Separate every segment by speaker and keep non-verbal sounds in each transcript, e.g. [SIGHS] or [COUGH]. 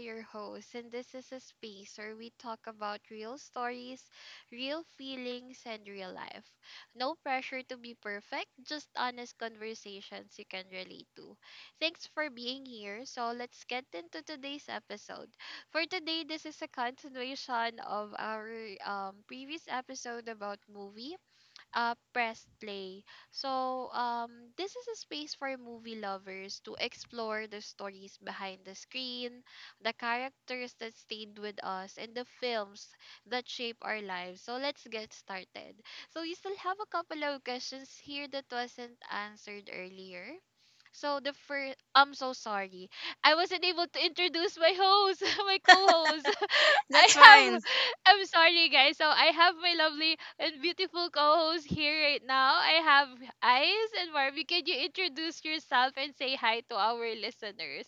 Speaker 1: your host, and this is a space where we talk about real stories, real feelings, and real life. No pressure to be perfect, just honest conversations you can relate to. Thanks for being here. So, let's get into today's episode. For today, this is a continuation of our previous episode about movies, press play. So, this is a space for movie lovers to explore the stories behind the screen, the characters that stayed with us, and the films that shape our lives. So, let's get started. So, we still have a couple of questions here that wasn't answered earlier. So the first, I'm so sorry. I wasn't able to introduce my host, [LAUGHS] my co-host. [LAUGHS] I,
Speaker 2: That's
Speaker 1: have,
Speaker 2: fine.
Speaker 1: I'm sorry, guys. So I have my lovely and beautiful co-host here right now. I have Ice and Marvin. Can you introduce yourself and say hi to our listeners?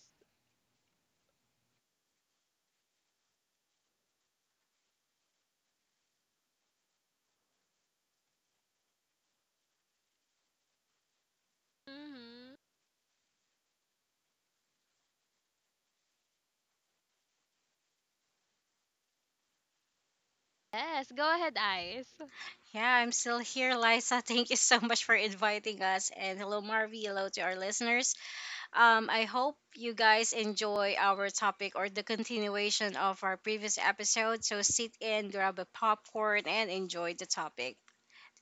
Speaker 1: Mm-hmm. Yes, go ahead, Ice.
Speaker 2: Yeah, I'm still here, Liza. [LAUGHS] Thank you so much for inviting us. And hello, Marvy. Hello to our listeners. I hope you guys enjoy our topic or the continuation of our previous episode. So sit in, grab a popcorn, and enjoy the topic.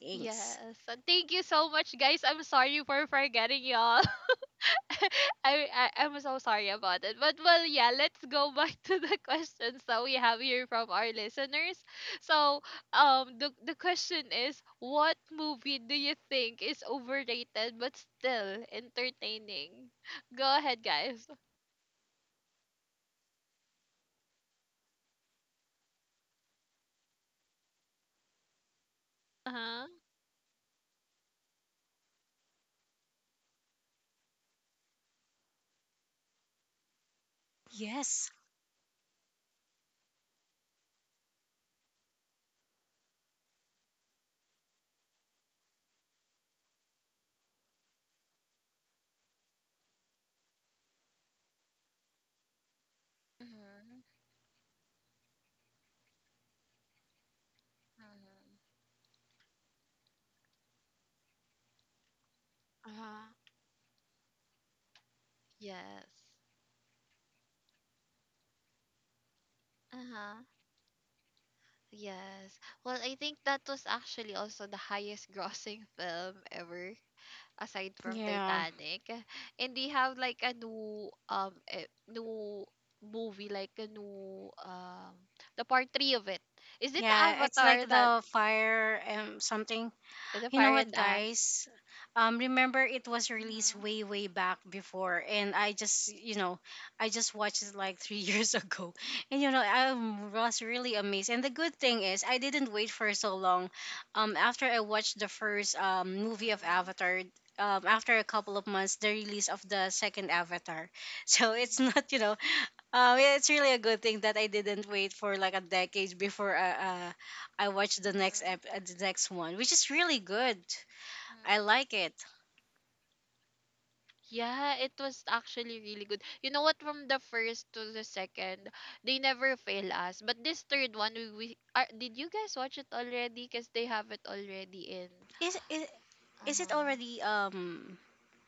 Speaker 2: Thanks.
Speaker 1: Yes, and thank you so much, guys. I'm sorry for forgetting y'all. [LAUGHS] [LAUGHS] I'm so sorry about it. But well, yeah, let's go back [LAUGHS] to the questions that we have here from our listeners. So, the question is, what movie do you think is overrated but still entertaining? Go ahead, guys. Uh huh.
Speaker 2: Yes.
Speaker 1: Uh-huh. Yes. Uh-huh. Yes. Well, I think that was actually also the highest grossing [LAUGHS] film ever aside from
Speaker 2: Yeah.
Speaker 1: Titanic, and they have like a new new movie, like a new the part three of it. Is it the
Speaker 2: Yeah. It's like
Speaker 1: Avatar, that
Speaker 2: the fire something.
Speaker 1: the
Speaker 2: You know
Speaker 1: Fire and
Speaker 2: what,
Speaker 1: Ash?
Speaker 2: guys? Remember it was released
Speaker 1: Mhm,
Speaker 2: way, way back before, and I just watched it like three [LAUGHS] years ago, and I was really amazed. And the good thing is, I didn't wait for so long. After I watched the first movie of Avatar. After a couple of months, the release of the second Avatar, [LAUGHS] so it's
Speaker 1: mhm,
Speaker 2: not you know yeah, it's really a good thing that I didn't wait for like a decade before I watched the
Speaker 1: mhm,
Speaker 2: next one, which is really good. I
Speaker 1: mhm.
Speaker 2: like it.
Speaker 1: Yeah, it was actually really good. You know what? From the first to the second, they never fail us. But this third one, did you guys watch it already? Cause they have it already in.
Speaker 2: Is is,
Speaker 1: Uh
Speaker 2: is it
Speaker 1: huh.
Speaker 2: already?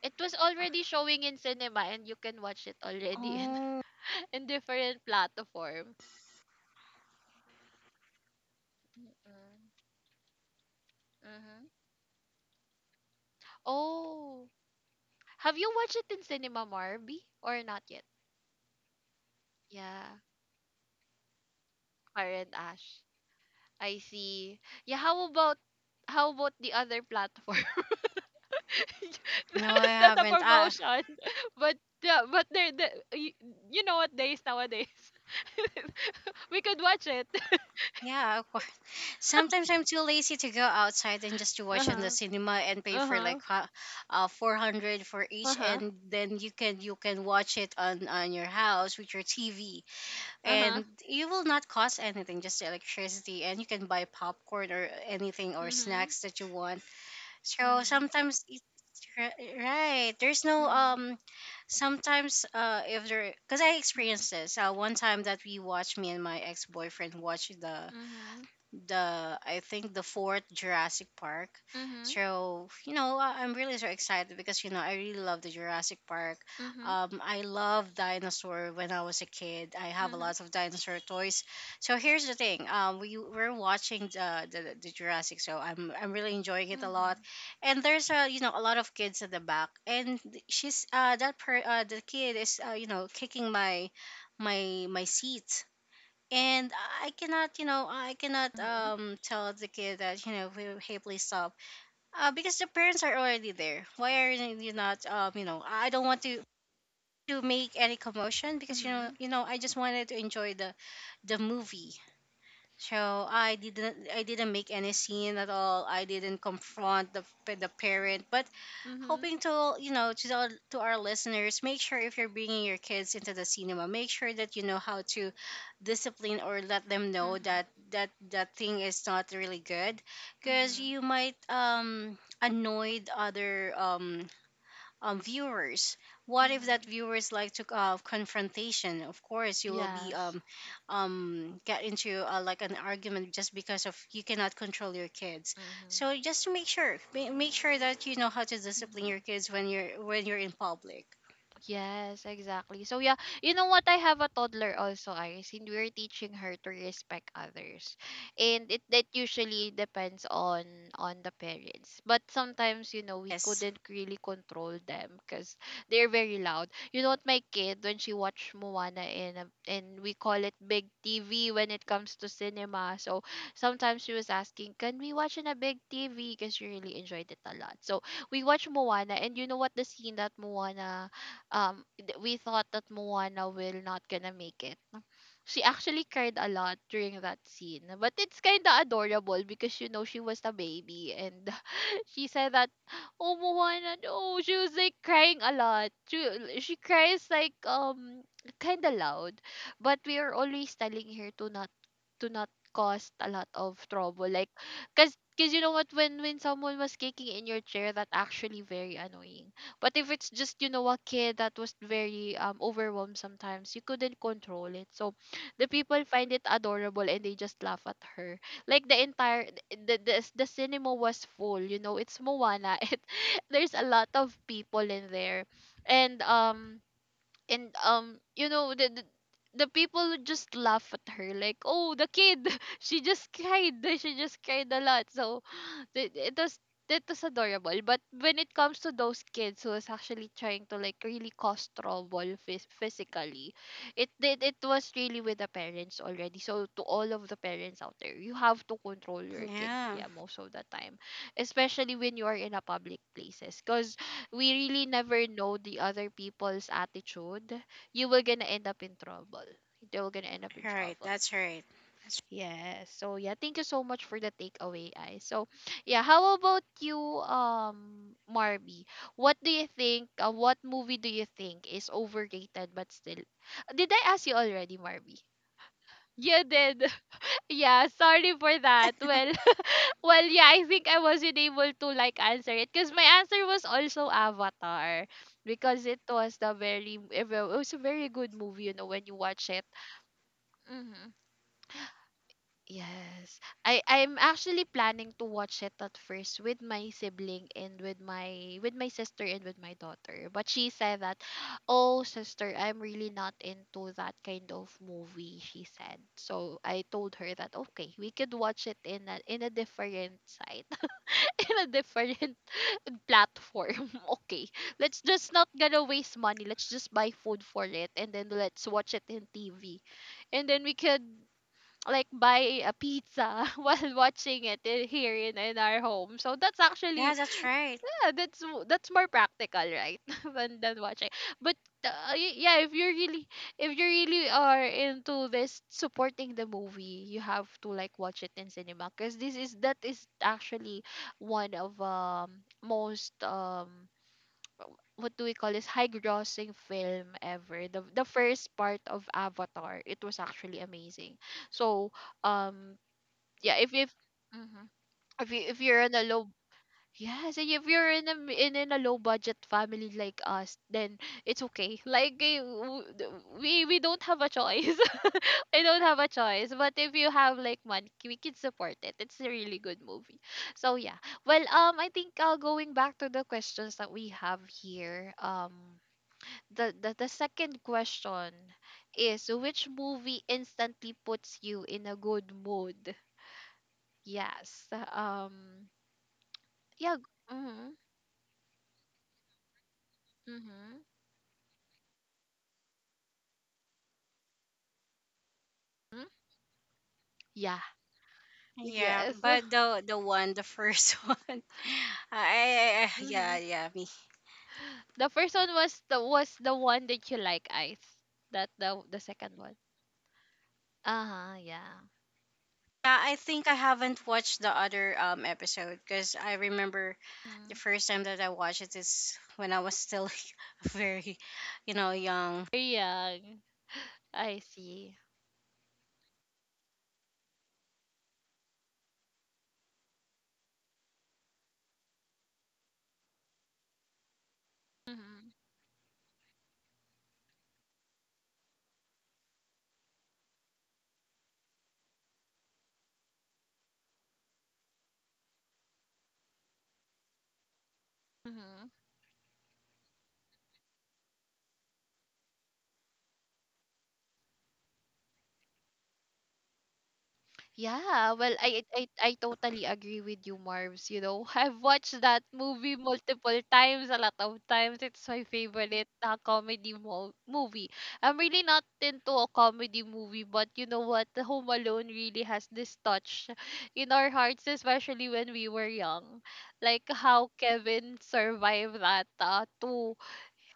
Speaker 1: It was already showing in cinema and you can watch it already in,
Speaker 2: Oh
Speaker 1: [LAUGHS] in different platform. Mm hmm. Oh, have you watched it in cinema, Marby? Or not yet? Yeah, Karen Ash. I see. Yeah, how about the other platform? [LAUGHS]
Speaker 2: no, I
Speaker 1: That's not a
Speaker 2: haven't. Ah,
Speaker 1: promotion, [LAUGHS] but yeah, but they are the you, you know what days nowadays [LAUGHS] we could watch it. [LAUGHS]
Speaker 2: yeah, of course. Sometimes I'm too lazy to go outside and just to
Speaker 1: Uh
Speaker 2: watch in
Speaker 1: huh.
Speaker 2: the cinema and pay
Speaker 1: Uh
Speaker 2: for
Speaker 1: huh.
Speaker 2: like 400 for
Speaker 1: Uh
Speaker 2: each,
Speaker 1: huh.
Speaker 2: and then you can watch it on your house with your TV
Speaker 1: Uh huh.
Speaker 2: and you will not cost anything just the electricity, and you can buy popcorn or anything or
Speaker 1: Mhm.
Speaker 2: snacks that you want. So
Speaker 1: Mhm,
Speaker 2: sometimes right, there's no
Speaker 1: mhm,
Speaker 2: sometimes if there, because I
Speaker 1: mhm,
Speaker 2: experienced this one time that we watched, me and my ex-boyfriend watched
Speaker 1: mhm,
Speaker 2: the I think the fourth Jurassic Park.
Speaker 1: mhm,
Speaker 2: So you know, I'm really so excited because you know, I really love the Jurassic Park.
Speaker 1: mhm,
Speaker 2: I love dinosaur when I was a kid. I have a
Speaker 1: mhm,
Speaker 2: lot of dinosaur toys. So here's the thing. We're watching the Jurassic, so I'm really enjoying it a lot.
Speaker 1: mhm,
Speaker 2: And there's a you know a lot of kids at the back, and she's that per the kid is you know, kicking my seat, and I cannot, you know, I cannot
Speaker 1: mhm,
Speaker 2: tell the kid that, you know, hey, hey, please stop, because the parents are already there. Why are you not, you know, I don't want to make any commotion because
Speaker 1: mhm,
Speaker 2: you know, I just wanted to enjoy the movie. So I didn't make any scene at all. I didn't confront the parent, but
Speaker 1: mhm,
Speaker 2: hoping to you know, to our listeners, make sure if you're bringing your kids into the cinema, make sure that you know how to discipline or let them know
Speaker 1: mhm,
Speaker 2: that that thing is not really good because
Speaker 1: mhm,
Speaker 2: you might annoyed other viewers. What if that
Speaker 1: mhm.
Speaker 2: viewers like to confrontation? Of course, you will be
Speaker 1: Yes.
Speaker 2: get into like an argument just because of you cannot control your kids.
Speaker 1: Mhm,
Speaker 2: So just to make sure, make sure that you know how to discipline your
Speaker 1: mhm.
Speaker 2: kids when you're in public.
Speaker 1: Yes, exactly. So yeah, you know what? I have a toddler also, Iris, and we're teaching her to respect others, and it that usually depends on the parents. But sometimes, you know, we
Speaker 2: Yes.
Speaker 1: couldn't really control them because they're very loud. You know what? My kid, when she watched Moana in a, and we call it big TV when it comes to cinema. So sometimes she was asking, "Can we watch in a big TV?" Because she really enjoyed it a lot. So we watched Moana, and you know what? The scene that we thought that Moana will not gonna make it. She actually cried a lot during that scene, but it's kind of adorable because, you know, she was a baby and [LAUGHS] she said that, oh, Moana, no, she was like crying a lot. She cries like kind of loud, but we are always telling her to not cause a lot of trouble, like cause you know what, when someone was kicking in your chair, that actually very annoying. But if it's just, you know, a kid that was very overwhelmed sometimes, you couldn't control it. So the people find it adorable and they just laugh at her. Like the entire the cinema was full, you know, it's Moana. [LAUGHS] It, there's a lot of people in there. And um and you know, the people would just laugh at her, like, oh, the kid, [LAUGHS] she just cried, [LAUGHS] she just cried a lot, so [GASPS] it was, that was adorable. But when it comes to those kids who was actually trying to like really cause trouble physically, it did, it was really with the parents already. So to all of the parents out there, you have to control your kid,
Speaker 2: Yeah.
Speaker 1: yeah, most of the time, especially when you are in a public places, because we really never know the other people's attitude. You will gonna end up in trouble. They will gonna end up in
Speaker 2: Right.
Speaker 1: trouble.
Speaker 2: That's right.
Speaker 1: Yes. So yeah, thank you so much for the takeaway, I. So yeah, how about you, Marby? What do you think? What movie do you think is overrated but still? Did I ask you already, Marby? You did. [LAUGHS] Yeah. Sorry for that. Well, well, yeah, I think I wasn't able to like answer it because my answer was also Avatar, because it was the very it was a very good movie, you know, when you watch it. Mm-hmm. Yes. I'm actually planning to watch it at first with my sibling and with my sister and with my daughter. But she said that, "Oh, sister, I'm really not into that kind of movie," she said. So I told her that, "Okay, we could watch it in a different site, [LAUGHS] in a different platform. [LAUGHS] Okay. Let's just not gonna waste money. Let's just buy food for it and then let's watch it in TV. And then we could like buy a pizza [LAUGHS] while watching it in, here in our home. So that's actually,
Speaker 2: Yeah. That's right.
Speaker 1: yeah, that's that's more practical, right? [LAUGHS] Than watching. But yeah, if you're really, if you really are into this supporting the movie, you have to like watch it in cinema, because this is that is actually one of most what do we call this, high grossing film ever, the first part of Avatar. It was actually amazing. So um yeah, if, mhm, if you, if you're on a low yes, and if you're in a in a low budget family like us, then it's okay. [LAUGHS] Like, we don't have a choice. [LAUGHS] I don't have a choice. But if you have like money, we can support it. It's a really good movie. So yeah. Well, I think going back to the questions that we have here, the the second question is, which movie instantly puts you in a good mood? Yes. Yeah. Mm-hmm. Mm-hmm. Yeah.
Speaker 2: Yeah.
Speaker 1: Yes.
Speaker 2: But the one, the first [LAUGHS] one. I yeah,
Speaker 1: Mhm.
Speaker 2: yeah, me.
Speaker 1: The first one was the one that you like, Ice. That the second one. Uh huh. Yeah.
Speaker 2: Yeah, I think I haven't watched the other episode because I remember the
Speaker 1: Mm.
Speaker 2: first time that I watched it is when I was still [LAUGHS] very, you know, young.
Speaker 1: Very young. [GASPS] I see. Mm-hmm. Mm-hmm. Yeah, well, I totally agree with you, Marv's. You know, [LAUGHS] I've watched that movie multiple times, a lot of times. It's my favorite comedy movie. I'm really not into a comedy movie, but you know what? The Home Alone really has this touch in our hearts, especially when we were young. Like how Kevin survived that two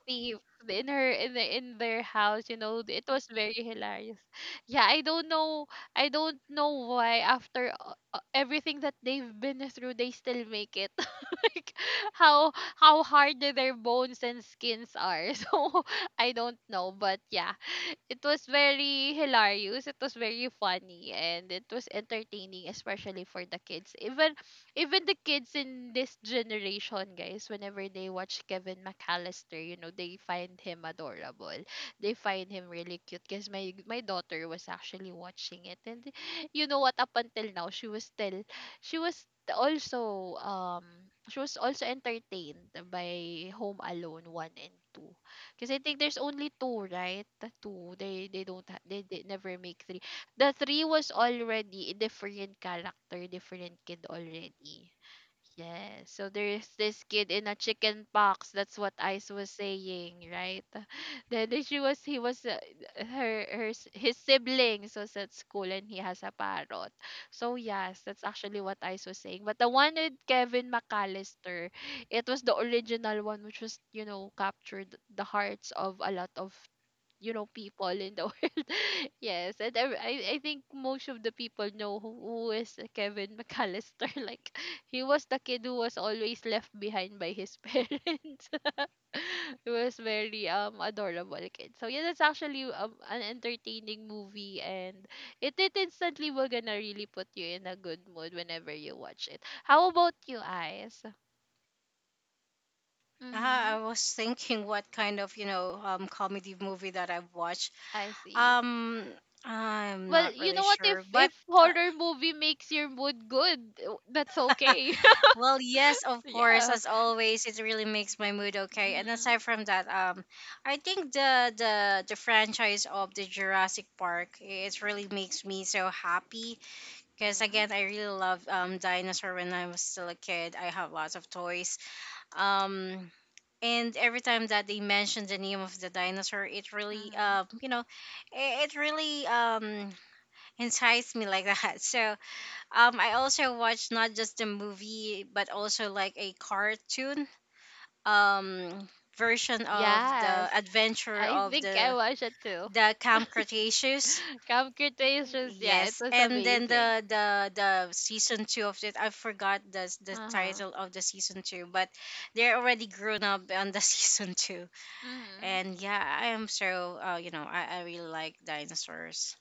Speaker 1: thief in her in the, in their house, you know, it was very hilarious. Yeah, I don't know, I don't know why after everything that they've been through, they still make it. [LAUGHS] Like how hard their bones and skins are. [LAUGHS] So I don't know, but yeah, it was very hilarious. It was very funny and it was entertaining, especially for the kids. Even the kids in this generation, guys, whenever they watch Kevin McAllister, you know, they find him adorable. They find him really cute. Because my daughter was actually watching it, and you know what? Up until now, she was still, she was also um she was also entertained by Home Alone one and two. Because I think there's only two, right? The two. They don't they never make three. The three was already a different character, different kid already. Yes. So there's this kid in a chicken box. That's what Ice was saying, right? [LAUGHS] Then she was, he was, his siblings was at school and he has a parrot. So yes, that's actually what Ice was saying. But the one with Kevin McAllister, it was the original one which was, you know, captured the hearts of a lot of, you know, people in the [LAUGHS] world. Yes, and I think most of the people know who, is Kevin McAllister. [LAUGHS] Like he was the kid who was always left behind by his [LAUGHS] parents. [LAUGHS] He was very adorable kid. So yeah, that's actually an entertaining movie, and it instantly will gonna really put you in a good mood whenever you watch it. How about you, eyes
Speaker 2: I
Speaker 1: mm-hmm.
Speaker 2: was thinking what kind of you know comedy movie that I've watched.
Speaker 1: I see.
Speaker 2: Um, I'm
Speaker 1: Well,
Speaker 2: not
Speaker 1: you
Speaker 2: really
Speaker 1: know what? If
Speaker 2: sure, but
Speaker 1: if
Speaker 2: uh,
Speaker 1: horror movie makes your mood good, that's okay.
Speaker 2: [LAUGHS] well,
Speaker 1: [LAUGHS]
Speaker 2: yes, of course,
Speaker 1: Yeah.
Speaker 2: as always, it really makes my mood okay. And
Speaker 1: Mm-hmm.
Speaker 2: aside from that, I think the franchise of the Jurassic Park, it really makes me so happy. Because
Speaker 1: Mm-hmm.
Speaker 2: again, I really love dinosaur when I was still a kid. I have lots of toys. Um, and every time that they mention the name of the dinosaur, it really,
Speaker 1: Mm-hmm.
Speaker 2: you know, it really enticed me like that. [LAUGHS] So I also watched not just the movie, but also like a cartoon um, version of the
Speaker 1: Yes,
Speaker 2: adventure
Speaker 1: I
Speaker 2: of
Speaker 1: think I
Speaker 2: the
Speaker 1: watched it too.
Speaker 2: Camp Cretaceous.
Speaker 1: [LAUGHS] Computations, yeah, it
Speaker 2: Yes,
Speaker 1: was
Speaker 2: and then
Speaker 1: amazing.
Speaker 2: the season two of it. I forgot the
Speaker 1: Uh huh.
Speaker 2: title of the season two, but they're already grown up on the [LAUGHS] season two.
Speaker 1: Mm-hmm.
Speaker 2: And yeah, I am so you know, I really like dinosaurs.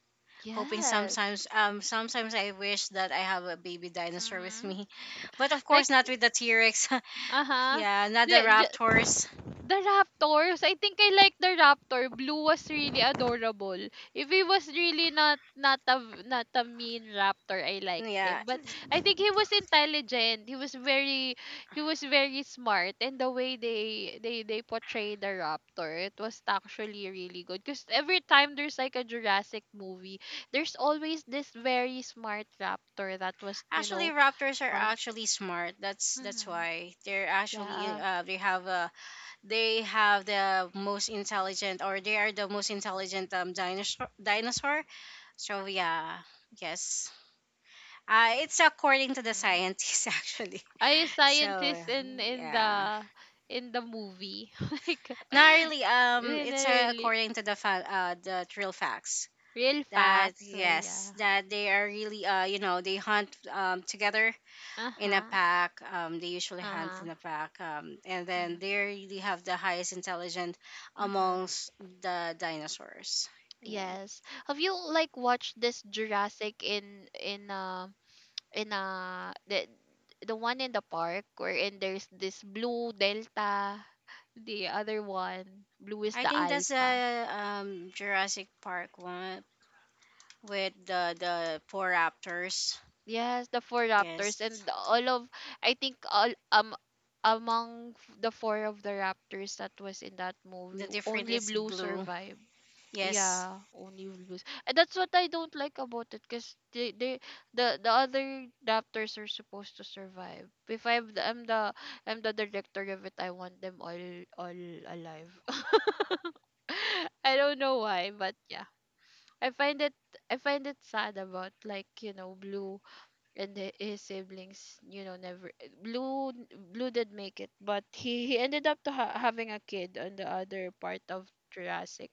Speaker 2: Hoping
Speaker 1: Yes.
Speaker 2: sometimes I wish that I have a baby dinosaur with
Speaker 1: Mm-hmm.
Speaker 2: me, [LAUGHS] but of
Speaker 1: Like,
Speaker 2: course not with the T Rex.
Speaker 1: uh
Speaker 2: [LAUGHS]
Speaker 1: huh.
Speaker 2: Yeah, not the raptors.
Speaker 1: The raptors, I think I like the raptor. Blue was really adorable. If he was really not a mean raptor, I like
Speaker 2: Yeah,
Speaker 1: him. But I think he was intelligent. He was very smart, and the way they portray the raptor, it was actually really good. Cuz every time there's like a Jurassic movie, there's always this very smart raptor that was
Speaker 2: actually raptors are
Speaker 1: fun.
Speaker 2: actually smart. That's
Speaker 1: hmm
Speaker 2: why they're actually
Speaker 1: Yeah.
Speaker 2: they have a they have the most intelligent, or they are the most intelligent dinosaur so yeah. Yes, it's according to the scientists [LAUGHS] actually.
Speaker 1: Are you
Speaker 2: So
Speaker 1: scientist in in
Speaker 2: yeah,
Speaker 1: the in the movie? [LAUGHS] Like
Speaker 2: not really,
Speaker 1: in a
Speaker 2: it's
Speaker 1: really
Speaker 2: according to the real facts
Speaker 1: real
Speaker 2: that
Speaker 1: facts. Well,
Speaker 2: yes,
Speaker 1: yeah.
Speaker 2: that they are really you know, they hunt together
Speaker 1: Uh
Speaker 2: in a
Speaker 1: huh.
Speaker 2: pack. They usually
Speaker 1: Uh
Speaker 2: hunt in a
Speaker 1: huh.
Speaker 2: pack, and then
Speaker 1: Mm-hmm.
Speaker 2: they really have the highest intelligence
Speaker 1: Mm-hmm.
Speaker 2: amongst the dinosaurs. Yeah,
Speaker 1: Yes. Have you like watched this Jurassic in the one in the park wherein there's this blue delta, the other one Blue is
Speaker 2: I
Speaker 1: the
Speaker 2: think that's
Speaker 1: alpha.
Speaker 2: a Jurassic Park one with the four raptors.
Speaker 1: Yes, the four
Speaker 2: Yes,
Speaker 1: raptors, and all of I think the four of the raptors that was in that
Speaker 2: the
Speaker 1: movie,
Speaker 2: different
Speaker 1: only
Speaker 2: is
Speaker 1: Blue
Speaker 2: blue.
Speaker 1: survived.
Speaker 2: Yes,
Speaker 1: Yeah, only Blue. And that's what I don't like about it, because the other raptors are supposed to survive. If I'm the I'm the director of it, I want them all alive. [LAUGHS] I don't know why, but yeah. I find it I find it sad about, like Blue and his siblings. Never blue blue did make it, but he ended up to having a kid on the other part of Jurassic,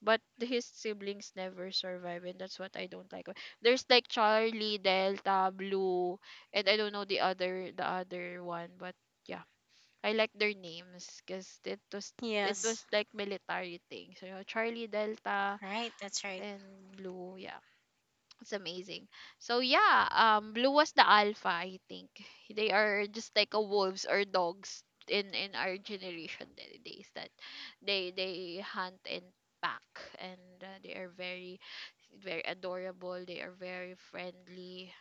Speaker 1: but his siblings never survive, and that's what I don't like. There's like Charlie, Delta, Blue, and I don't know the other one, but yeah, I like their names, because it was it
Speaker 2: yes,
Speaker 1: was like military thing. So, you know, Charlie, Delta,
Speaker 2: right. That's right.
Speaker 1: and Blue, yeah, it's amazing. So yeah, Blue was the alpha, I think. They are just like a wolves or dogs in our generation days, that they hunt and pack, and they are very very adorable. They are very friendly.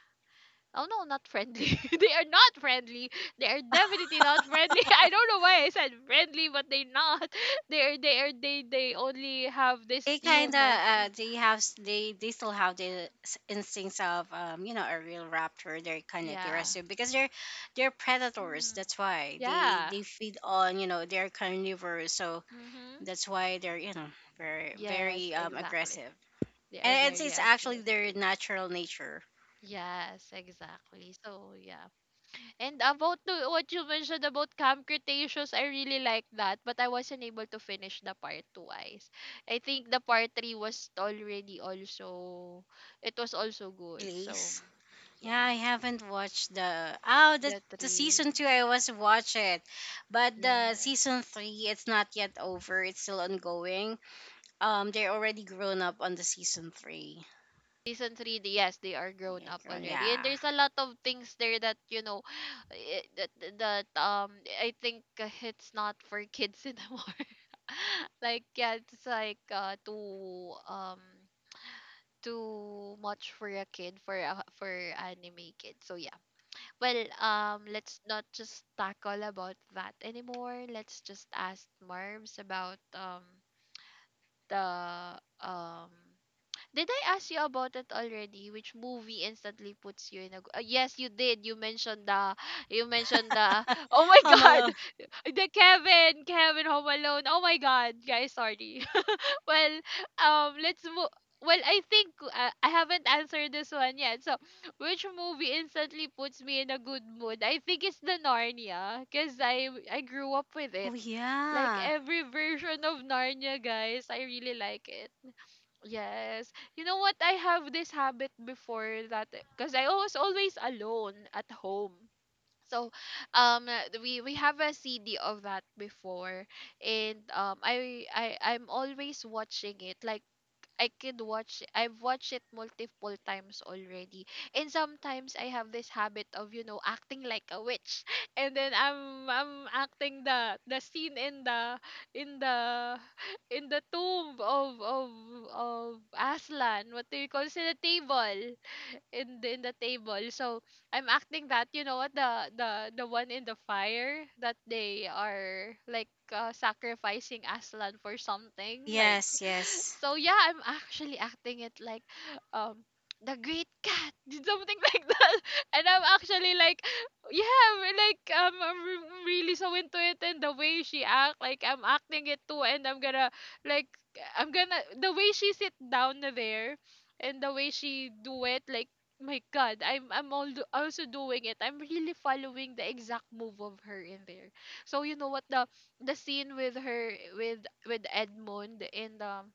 Speaker 1: Oh no, not friendly. [LAUGHS] They are not friendly. They are definitely not friendly. [LAUGHS] I don't know why I said friendly, but they're not. [LAUGHS] They are they are they only have this
Speaker 2: They kind of
Speaker 1: human thing.
Speaker 2: they have they still have the instincts of you know, a real raptor. They're kind of
Speaker 1: Yeah.
Speaker 2: aggressive because they're predators.
Speaker 1: Mhm.
Speaker 2: That's why
Speaker 1: Yeah.
Speaker 2: they feed on you know, they're carnivores, so
Speaker 1: Mm-hmm.
Speaker 2: that's why they're you know, very
Speaker 1: Yes,
Speaker 2: very um
Speaker 1: exactly.
Speaker 2: aggressive,
Speaker 1: They
Speaker 2: and
Speaker 1: are
Speaker 2: it's
Speaker 1: very
Speaker 2: it's actually their
Speaker 1: aggressive.
Speaker 2: natural nature.
Speaker 1: Yes, exactly. So yeah. And about what you mentioned about Camp Cretaceous, I really like that, but I wasn't able to finish the part twice. I think the part three was already, also it was also good. So
Speaker 2: Please, yeah, I
Speaker 1: yeah,
Speaker 2: haven't watched the, oh, the
Speaker 1: the
Speaker 2: the
Speaker 1: three.
Speaker 2: season two. I was watch it, but the
Speaker 1: Yes.
Speaker 2: season three, it's not yet over. It's still ongoing. They're already grown up on the season three.
Speaker 1: Season three, yes, they are grown
Speaker 2: Yeah,
Speaker 1: up
Speaker 2: grown.
Speaker 1: already, and
Speaker 2: Yeah.
Speaker 1: there's a lot of things there that [SIGHS] eh, that that I think it's not for kids anymore. [LAUGHS] Like yeah, it's like too too much for a kid, for a, for anime kid. So yeah, well let's not just tackle about that anymore. Let's just ask Marbs about the did I ask you about it already? Which movie instantly puts you in a? Yes, you did. You mentioned the. You mentioned the. [LAUGHS] Oh
Speaker 2: [LAUGHS]
Speaker 1: my
Speaker 2: Home
Speaker 1: God,
Speaker 2: Alone.
Speaker 1: [LAUGHS] the Kevin Home Alone. Oh my God, guys, sorry. [LAUGHS] Well, let's move. Well, I think I haven't answered this one yet. So, which movie instantly puts me in a good mood? I think it's the Narnia, cause I grew up with it.
Speaker 2: Oh
Speaker 1: Like
Speaker 2: yeah.
Speaker 1: every version of Narnia, guys, I really like it. Yes. You know what? I have this habit before that because I was always alone at home. So, um, we have a CD of that before, and I'm always watching it. Like I could watch it. I've watched it multiple times already. And sometimes I have this habit of acting like a witch. [LAUGHS] And then I'm acting the scene in the [LAUGHS] in the tomb of Aslan. What do you call it? In the table. In the table. So I'm acting that, you know what, the one in the fire, that they are like sacrificing Aslan for something, like.
Speaker 2: Yes, yes.
Speaker 1: So yeah, I'm actually acting it like um the great cat did something [LAUGHS] like that. And I'm actually, like, yeah, we're like I'm really so into it, and the way she act, like I'm acting it too, and I'm gonna like I'm gonna the way she sit down there, and the way she do it, like my God, I'm all also doing it. I'm really following the exact move of her in there. So you know what, the scene with her, with Edmund, in the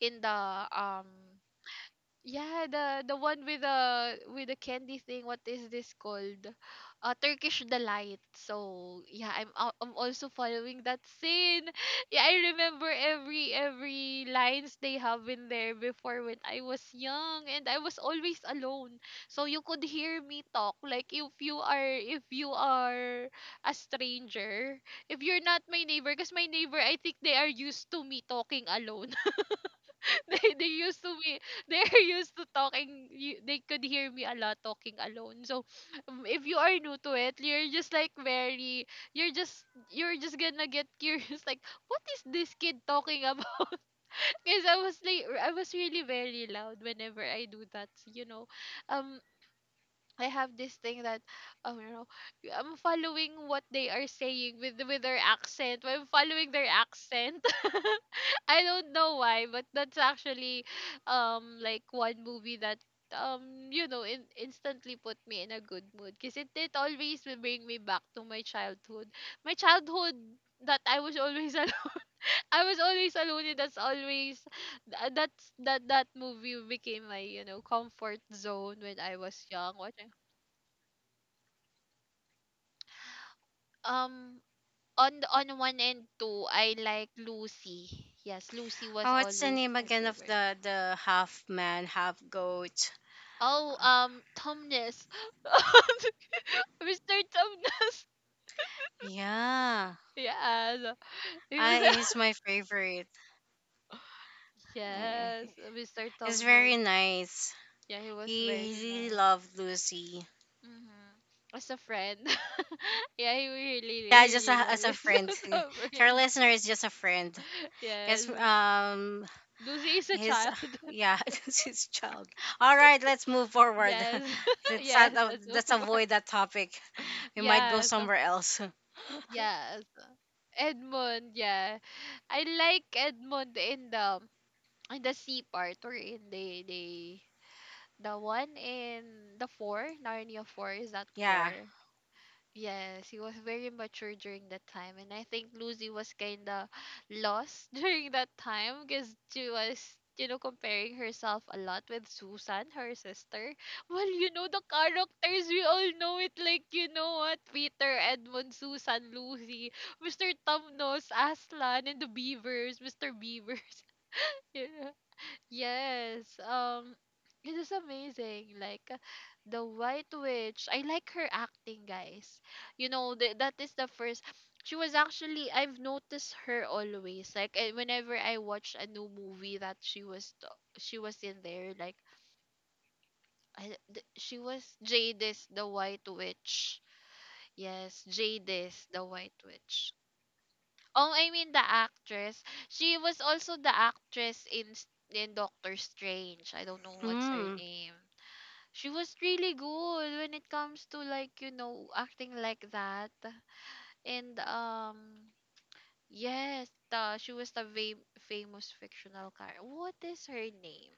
Speaker 1: in the um yeah, the one with the candy thing. What is this called, Turkish delight. So yeah, I'm also following that scene. [LAUGHS] Yeah, I remember every lines they have in there before, when I was young and I was always alone, so you could hear me talk, like if you are a stranger, if you're not my neighbor, because my neighbor, I think they are used to me talking alone. [LAUGHS] They used to be. [LAUGHS] They're used to talking, you, they could hear me a lot talking alone. So if you are new to it, you're just like very, you're just you're just gonna get curious. [LAUGHS] Like, what is this kid talking about? [LAUGHS] Because I was, like, I was really very loud whenever I do that you know um I have this thing that um, you know I'm following what they are saying, with their accent. I'm following their accent. [LAUGHS] I don't know why, but that's actually like one movie that instantly put me in a good mood, because it always will bring me back to my childhood. My childhood that I was always [LAUGHS] alone. I was always alone, and that's always that movie became my comfort zone when I was young watching. Um on one and two I like Lucy. Yes, Lucy was
Speaker 2: Oh, what's the
Speaker 1: always
Speaker 2: name
Speaker 1: my
Speaker 2: again of
Speaker 1: favorite.
Speaker 2: the half man, half goat? Uh,
Speaker 1: Oh, Tomness. [LAUGHS] Mr. Tomness.
Speaker 2: Yeah,
Speaker 1: Yes. He was
Speaker 2: I is
Speaker 1: [LAUGHS]
Speaker 2: my favorite. I, I,
Speaker 1: Yes, Mr.
Speaker 2: it's very
Speaker 1: Tomness.
Speaker 2: nice.
Speaker 1: Yeah, he was
Speaker 2: He,
Speaker 1: very
Speaker 2: he really
Speaker 1: nice.
Speaker 2: loved Lucy.
Speaker 1: Mm-hmm. As a friend. [LAUGHS] Yeah, he really,
Speaker 2: Yeah, just a,
Speaker 1: really
Speaker 2: as
Speaker 1: loved
Speaker 2: a
Speaker 1: us [LAUGHS]
Speaker 2: friend.
Speaker 1: as a
Speaker 2: [LAUGHS] To our
Speaker 1: friend.
Speaker 2: listener is just a friend.
Speaker 1: Yes.
Speaker 2: Yes,
Speaker 1: Lucy is a
Speaker 2: his [SIGHS]
Speaker 1: child.
Speaker 2: [LAUGHS] yeah, [LAUGHS] it was his child. All right, let's move
Speaker 1: [LAUGHS]
Speaker 2: forward.
Speaker 1: Yes.
Speaker 2: [LAUGHS]
Speaker 1: [LAUGHS]
Speaker 2: let's not-
Speaker 1: Yes, that's
Speaker 2: Let's
Speaker 1: over.
Speaker 2: avoid that topic. [LAUGHS] We might go
Speaker 1: Yes.
Speaker 2: somewhere else. [LAUGHS]
Speaker 1: Yes. Edmund, yeah. I like Edmund in the sea part, or in they the one in the four Narnia, four, is that
Speaker 2: Yeah.
Speaker 1: four? Yes, he was very mature during that time, and I think Lucy was kinda lost [LAUGHS] during that time, because she was comparing herself a lot with Susan, her sister. [LAUGHS] Well, you know the characters, we all know it, like, you know what, Peter, Edmund, Susan, Lucy, Mr. Tumnos, Aslan, and the Beavers, Mr. Beavers. [LAUGHS] Yeah. Yes. It is amazing, like the white witch. I like her acting, guys. You know, that is the first, she was actually I've noticed her always, like whenever I watch a new movie that she was in there, like she was Jadis the white witch. Yes, Jadis the white witch. Oh, I mean the actress. She was also the actress in Doctor Strange. I don't know what's her
Speaker 2: Mm.
Speaker 1: name. She was really good when it comes to, like acting like that. And yes, she was the famous fictional character. What is her name?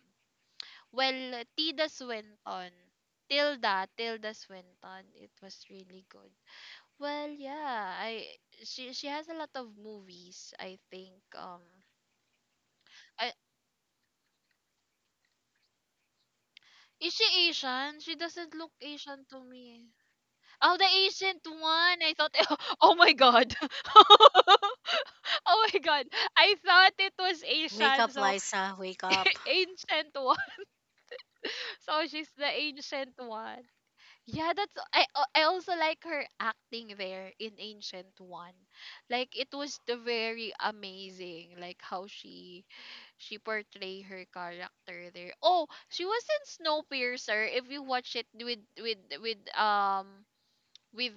Speaker 1: Well, Tilda Swinton. Tilda Swinton. It was really good. Well, yeah, I she has a lot of movies, I think. I Is she Asian? She doesn't look Asian to me. Oh, the ancient one. I thought, [LAUGHS] oh my god. [LAUGHS] Oh my god. I thought it was
Speaker 2: Wake
Speaker 1: Asian.
Speaker 2: up,
Speaker 1: So,
Speaker 2: Liza. Wake up.
Speaker 1: [LAUGHS] ancient one. [LAUGHS] So, she's the ancient one. Yeah, I also like her acting there in Ancient One. Like it was the very amazing, like how she portray her character there. Oh, she was in Snowpiercer if you watch it, with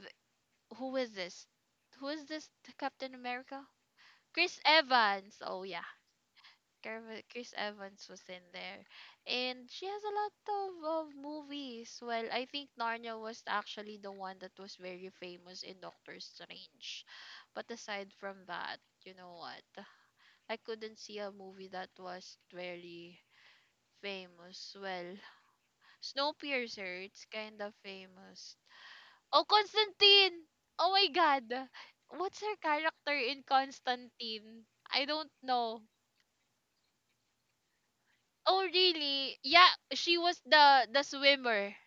Speaker 1: who is this? Who is this Captain America? Chris Evans. Oh yeah. Chris Evans was in there. And she has a lot of movies. Well, I think Narnia was actually the one that was very famous in Doctor Strange. But aside from that, you know what? I couldn't see a movie that was very famous. Well, Snowpiercer, it's kind of famous. Oh, Constantine! Oh my God! What's her character in Constantine? I don't know. Oh really? Yeah, she was the swimmer,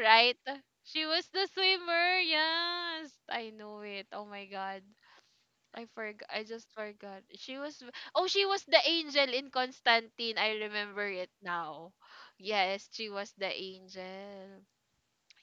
Speaker 1: right? She was the swimmer. Yes, I know it. Oh my god. I forgot. I just forgot. She was Oh, she was the angel in Constantine. I remember it now. Yes, she was the angel.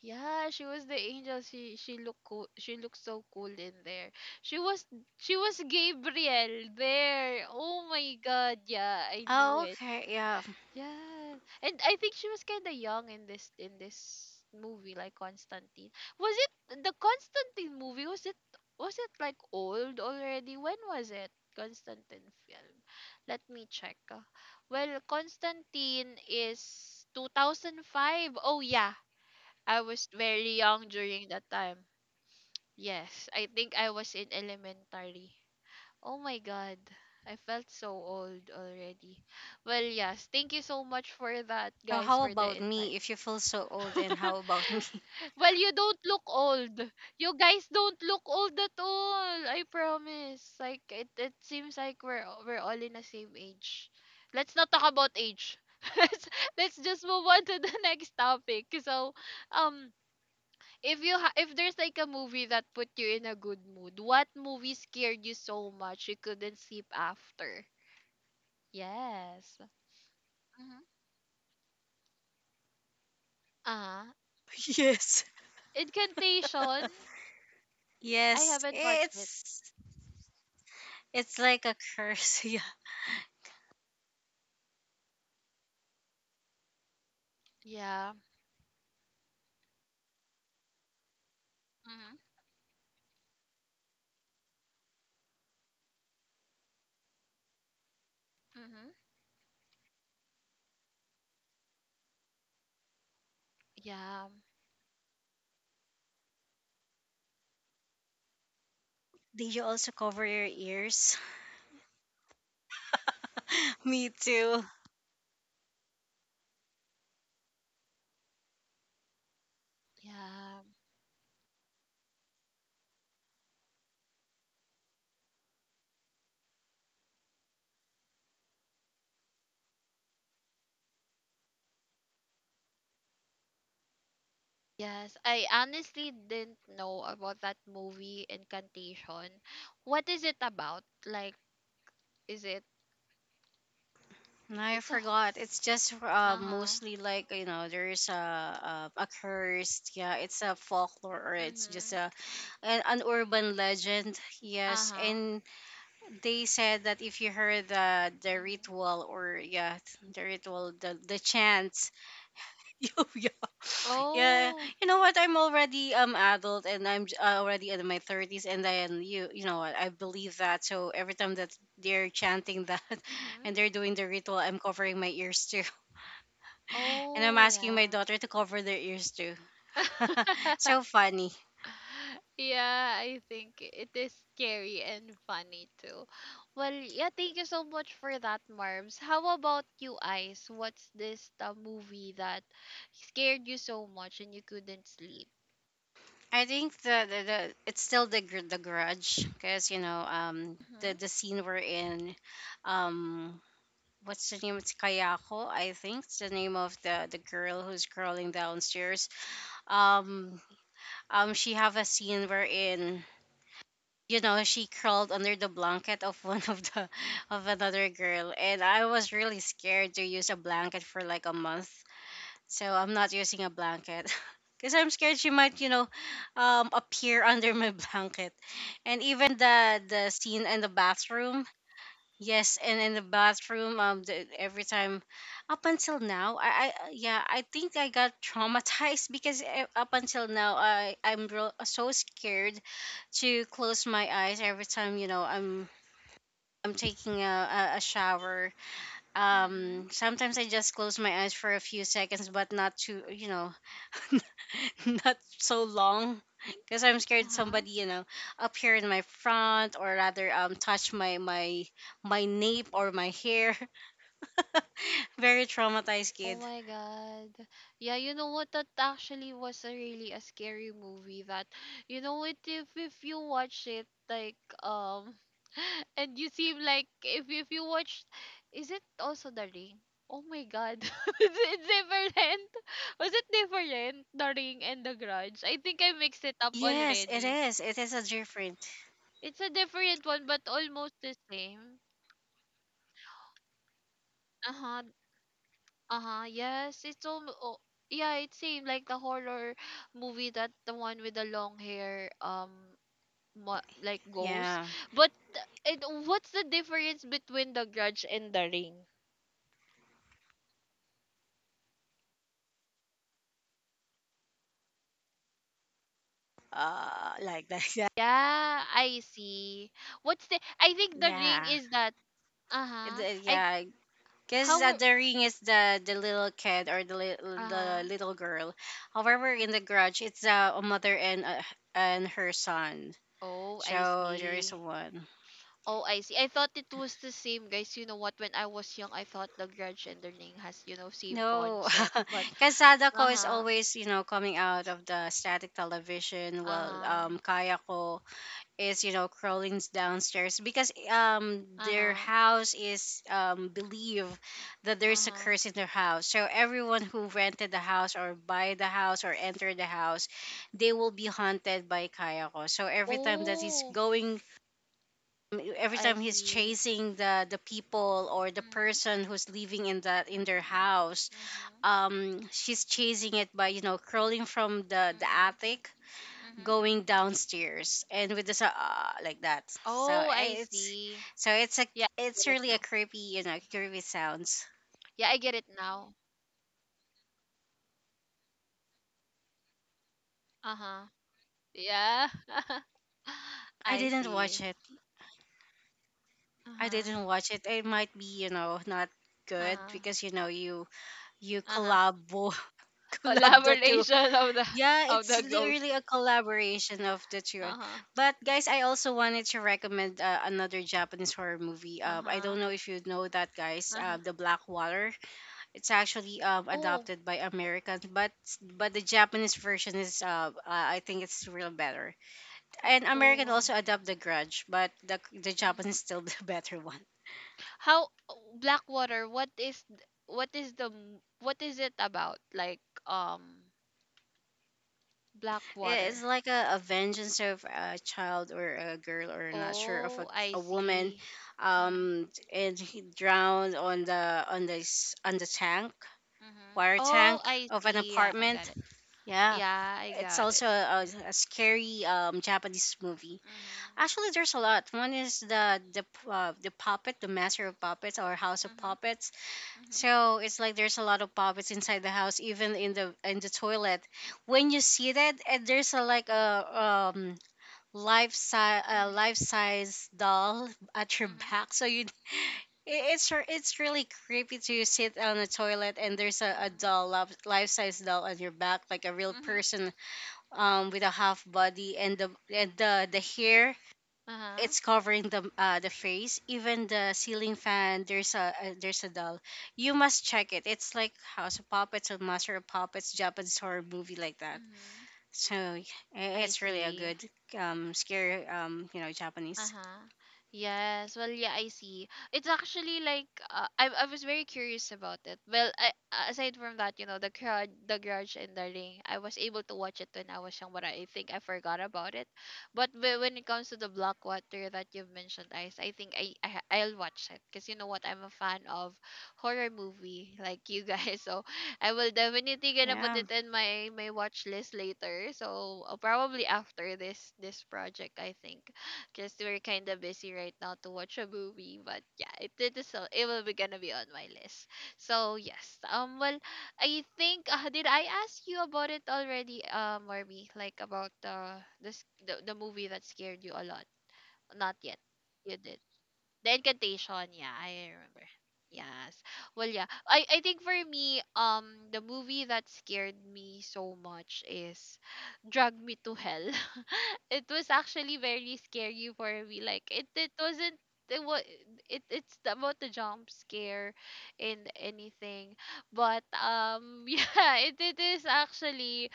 Speaker 1: Yeah, she was the angel. She looked cool. She looked so cool in there. She was she was Gabriel there. Oh my god. Yeah, I knew
Speaker 2: Oh,
Speaker 1: it.
Speaker 2: okay. Yeah.
Speaker 1: Yeah. And I think she was kind of young in this movie like Constantine. Was it the Constantine movie? Was it like old already? When was it? Constantine film. Let me check. Well, Constantine is 2005. Oh yeah, I was very young during that time. Yes, I think I was in elementary. Oh my God. I felt so old already. Well, yes. Thank you so much for that,
Speaker 2: So
Speaker 1: guys,
Speaker 2: how
Speaker 1: for the
Speaker 2: about
Speaker 1: insight.
Speaker 2: me? If you feel so old,
Speaker 1: [LAUGHS]
Speaker 2: and how about me? [LAUGHS]
Speaker 1: Well, you don't look old. You guys don't look old at all. I promise. Like it seems like we're all in the same age. Let's not talk about age. [LAUGHS] let's let's just move on to the [LAUGHS] next topic. So, um, if you ha- if there's like a movie that put you in a good mood, what movie scared you so much you couldn't sleep after? Yes. Mm-hmm. Uh-huh.
Speaker 2: Yes.
Speaker 1: Incantation. I
Speaker 2: Yes.
Speaker 1: haven't watched it.
Speaker 2: It's like a curse. [LAUGHS] Yeah.
Speaker 1: Yeah. Mm-hmm. Mm-hmm. Yeah.
Speaker 2: Did you also cover your ears? [LAUGHS] Me too.
Speaker 1: Yeah. Yes. I honestly didn't know about that movie, Incantation. What is it about? Like, is it
Speaker 2: No, I
Speaker 1: it's a
Speaker 2: forgot. It's just
Speaker 1: uh-huh.
Speaker 2: mostly like you know, there's a, a curse. Yeah, it's a folklore or it's just
Speaker 1: Mm-hmm.
Speaker 2: an urban legend. Yes,
Speaker 1: Uh-huh.
Speaker 2: and they said that if you heard the
Speaker 1: Mm-hmm.
Speaker 2: ritual or yeah, the ritual, the chants, [LAUGHS] you, yeah, yeah.
Speaker 1: Oh.
Speaker 2: You know what? I'm already adult and I'm already in my thirties, and then you know what? I believe that. So every time that they're chanting that [LAUGHS]
Speaker 1: Mm-hmm.
Speaker 2: and they're doing the ritual, I'm covering my ears too. And I'm
Speaker 1: Oh
Speaker 2: asking my
Speaker 1: yeah.
Speaker 2: daughter to cover their ears too. [LAUGHS] So
Speaker 1: [LAUGHS]
Speaker 2: funny.
Speaker 1: [LAUGHS] Yeah, I think it is scary and funny too. Well, yeah, thank you so much for that, Marbs. How about you, Ice? What's this movie that scared you so much and you couldn't sleep?
Speaker 2: I think the, it's still the grudge, because you know
Speaker 1: hmm
Speaker 2: the scene we're in um what's the name, it's Kayako. I think it's the name of the girl who's crawling downstairs, um she have a scene wherein you know, she crawled under the blanket of [LAUGHS] one of the of another girl, and I was really scared to use a blanket for like a month. So I'm not using a blanket [LAUGHS] because I'm scared she might, you know, appear under my [LAUGHS] blanket. And even the scene in the bathroom, yes, and in the bathroom, the, every time, up until now, I yeah, I think I got traumatized [LAUGHS] because up until now, I'm real, so scared to close my eyes every time, you know, I'm taking a shower.
Speaker 1: Mm-hmm.
Speaker 2: Sometimes I just close my eyes for a few seconds, but not too, you know, [LAUGHS] not so long, because I'm scared
Speaker 1: Uh-huh.
Speaker 2: somebody, you know, up here in my front, or rather, touch my nape or my hair. [LAUGHS] Very traumatized
Speaker 1: Oh
Speaker 2: kid.
Speaker 1: my god. Yeah, you know what? That actually was a really a scary movie that you know what, if you watch it like [LAUGHS] and you seem like if you watch, is it also the ring? Oh my god. [LAUGHS] It's different. Was it different? The ring and the grudge. I think I mixed it up
Speaker 2: Yes, it
Speaker 1: already.
Speaker 2: is. It is a different.
Speaker 1: It's a different one but almost the same. Uh-huh. Uh-huh. Yes, it's all oh, yeah, it seemed like the horror movie, that the one with the long hair like ghost.
Speaker 2: Yeah.
Speaker 1: But th- it what's the difference between the grudge and the ring?
Speaker 2: Like that. [LAUGHS] Yeah.
Speaker 1: Yeah, I see. What's the I think the ring
Speaker 2: Yeah.
Speaker 1: is that uh-huh. I
Speaker 2: Yeah. Because
Speaker 1: how
Speaker 2: the ring is
Speaker 1: uh-huh.
Speaker 2: the little girl. However, in the Grudge, it's a mother and her son.
Speaker 1: Oh, I
Speaker 2: So there is
Speaker 1: see.
Speaker 2: one.
Speaker 1: Oh, I see. I thought it was the same, guys. You know what? When I was young, I thought the grudge and the ring has, you know, same
Speaker 2: No.
Speaker 1: concept.
Speaker 2: [LAUGHS]
Speaker 1: But
Speaker 2: because Sadako is
Speaker 1: uh-huh.
Speaker 2: always, you know, coming out of the static television, while
Speaker 1: Uh-huh.
Speaker 2: Kayako is, you know, crawling downstairs because their
Speaker 1: Uh-huh.
Speaker 2: house is, believe that there's a
Speaker 1: Uh-huh.
Speaker 2: curse in their house, so everyone who rented the house or buy the house or enter the house, they will be haunted by Kayako. So every time that he's
Speaker 1: Oh,
Speaker 2: going, every
Speaker 1: I
Speaker 2: time he's
Speaker 1: see.
Speaker 2: chasing the people or the
Speaker 1: Mm-hmm.
Speaker 2: person who's living in that in their house,
Speaker 1: Mm-hmm.
Speaker 2: she's chasing it by, you know, crawling from the
Speaker 1: Mm-hmm.
Speaker 2: attic
Speaker 1: Mm-hmm.
Speaker 2: going downstairs, and with this, like that. So
Speaker 1: Oh, I
Speaker 2: it's
Speaker 1: see.
Speaker 2: so it's a
Speaker 1: Yeah, I
Speaker 2: it's
Speaker 1: get it
Speaker 2: really a
Speaker 1: now.
Speaker 2: creepy, you know, creepy sounds.
Speaker 1: Yeah, I get it now. Uh-huh. Yeah. [LAUGHS]
Speaker 2: I
Speaker 1: I
Speaker 2: didn't watch
Speaker 1: see.
Speaker 2: it. I
Speaker 1: Uh-huh.
Speaker 2: didn't watch it. It might be, you know, not good,
Speaker 1: Uh-huh.
Speaker 2: because you know, you
Speaker 1: Uh-huh.
Speaker 2: collabo [LAUGHS] collab the two.
Speaker 1: Collaboration of the [LAUGHS]
Speaker 2: Yeah,
Speaker 1: of the ghost.
Speaker 2: really a collaboration of the two.
Speaker 1: Uh-huh.
Speaker 2: But guys, I also wanted to recommend another Japanese horror movie. I don't
Speaker 1: Uh-huh.
Speaker 2: know if you know that, guys,
Speaker 1: Uh-huh.
Speaker 2: The Black Water. It's actually
Speaker 1: Oh.
Speaker 2: adopted by Americans, but the Japanese version is I think it's real better. And
Speaker 1: Oh
Speaker 2: American
Speaker 1: wow.
Speaker 2: also adopt The Grudge, but the Japanese
Speaker 1: Mm-hmm.
Speaker 2: still the [LAUGHS] better one.
Speaker 1: How Blackwater? What is it about? Like um
Speaker 2: It's
Speaker 1: Blackwater.
Speaker 2: like a vengeance of a child or a girl, or not sure, of
Speaker 1: Oh, I
Speaker 2: a woman,
Speaker 1: see. Mhm.
Speaker 2: and he drowned on the on this on the tank,
Speaker 1: Mhm.
Speaker 2: water
Speaker 1: Oh,
Speaker 2: tank
Speaker 1: I
Speaker 2: of an
Speaker 1: see. Yeah, I got
Speaker 2: apartment.
Speaker 1: it.
Speaker 2: Yeah,
Speaker 1: Yeah, I
Speaker 2: it's
Speaker 1: got it.
Speaker 2: also
Speaker 1: Mhm.
Speaker 2: a scary Japanese movie.
Speaker 1: Mhm.
Speaker 2: Actually, there's a lot. One is the puppet, the master of puppets or house of puppets.
Speaker 1: Mhm.
Speaker 2: So it's like there's a lot of puppets inside the house, even in the toilet. When you see that, and there's a like a life size, a
Speaker 1: Mhm.
Speaker 2: life size doll [LAUGHS] at your
Speaker 1: Mhm.
Speaker 2: back, so you it- it's re- it's really creepy to sit on a toilet and there's a
Speaker 1: Mhm.
Speaker 2: doll, life size doll on your back, like a real
Speaker 1: Mhm. Mhm.
Speaker 2: person, with a half body, and the hair,
Speaker 1: Uh-huh.
Speaker 2: it's covering the face. Even the ceiling fan, there's a doll. You must check it. It's like House of Puppets or Master of Puppets, Japanese horror movie, like that.
Speaker 1: Mhm.
Speaker 2: So
Speaker 1: I
Speaker 2: it's really a
Speaker 1: see.
Speaker 2: good, scary, you know, Japanese.
Speaker 1: Uh-huh. Yes. Well, yeah, I see. It's actually like I was very curious about it. Well, aside from that, you know, the grudge and the ring, I was able to watch it when I was young, but I think I forgot about it. But when it comes to the black water that you've mentioned, Ice, I think I'll watch it because you know what, I'm a fan of horror movie like you guys, [LAUGHS] so I will definitely gonna put
Speaker 2: Yeah.
Speaker 1: it in my watch list later. So probably after this project, I think because we're kind of busy right now to watch a movie. But yeah, it is so it will be gonna be on my list. So yes, well, I think did I ask you about it already, Marby? Like about the the movie that scared you a lot? Not yet. You did. The Incantation, yeah, I remember. Yes. Well, yeah. I think for me, the movie that scared me so much is Drag Me to Hell. [LAUGHS] It was actually very scary for me. Like it wasn't it was it it's about the jump scare and anything but [LAUGHS] yeah, it is actually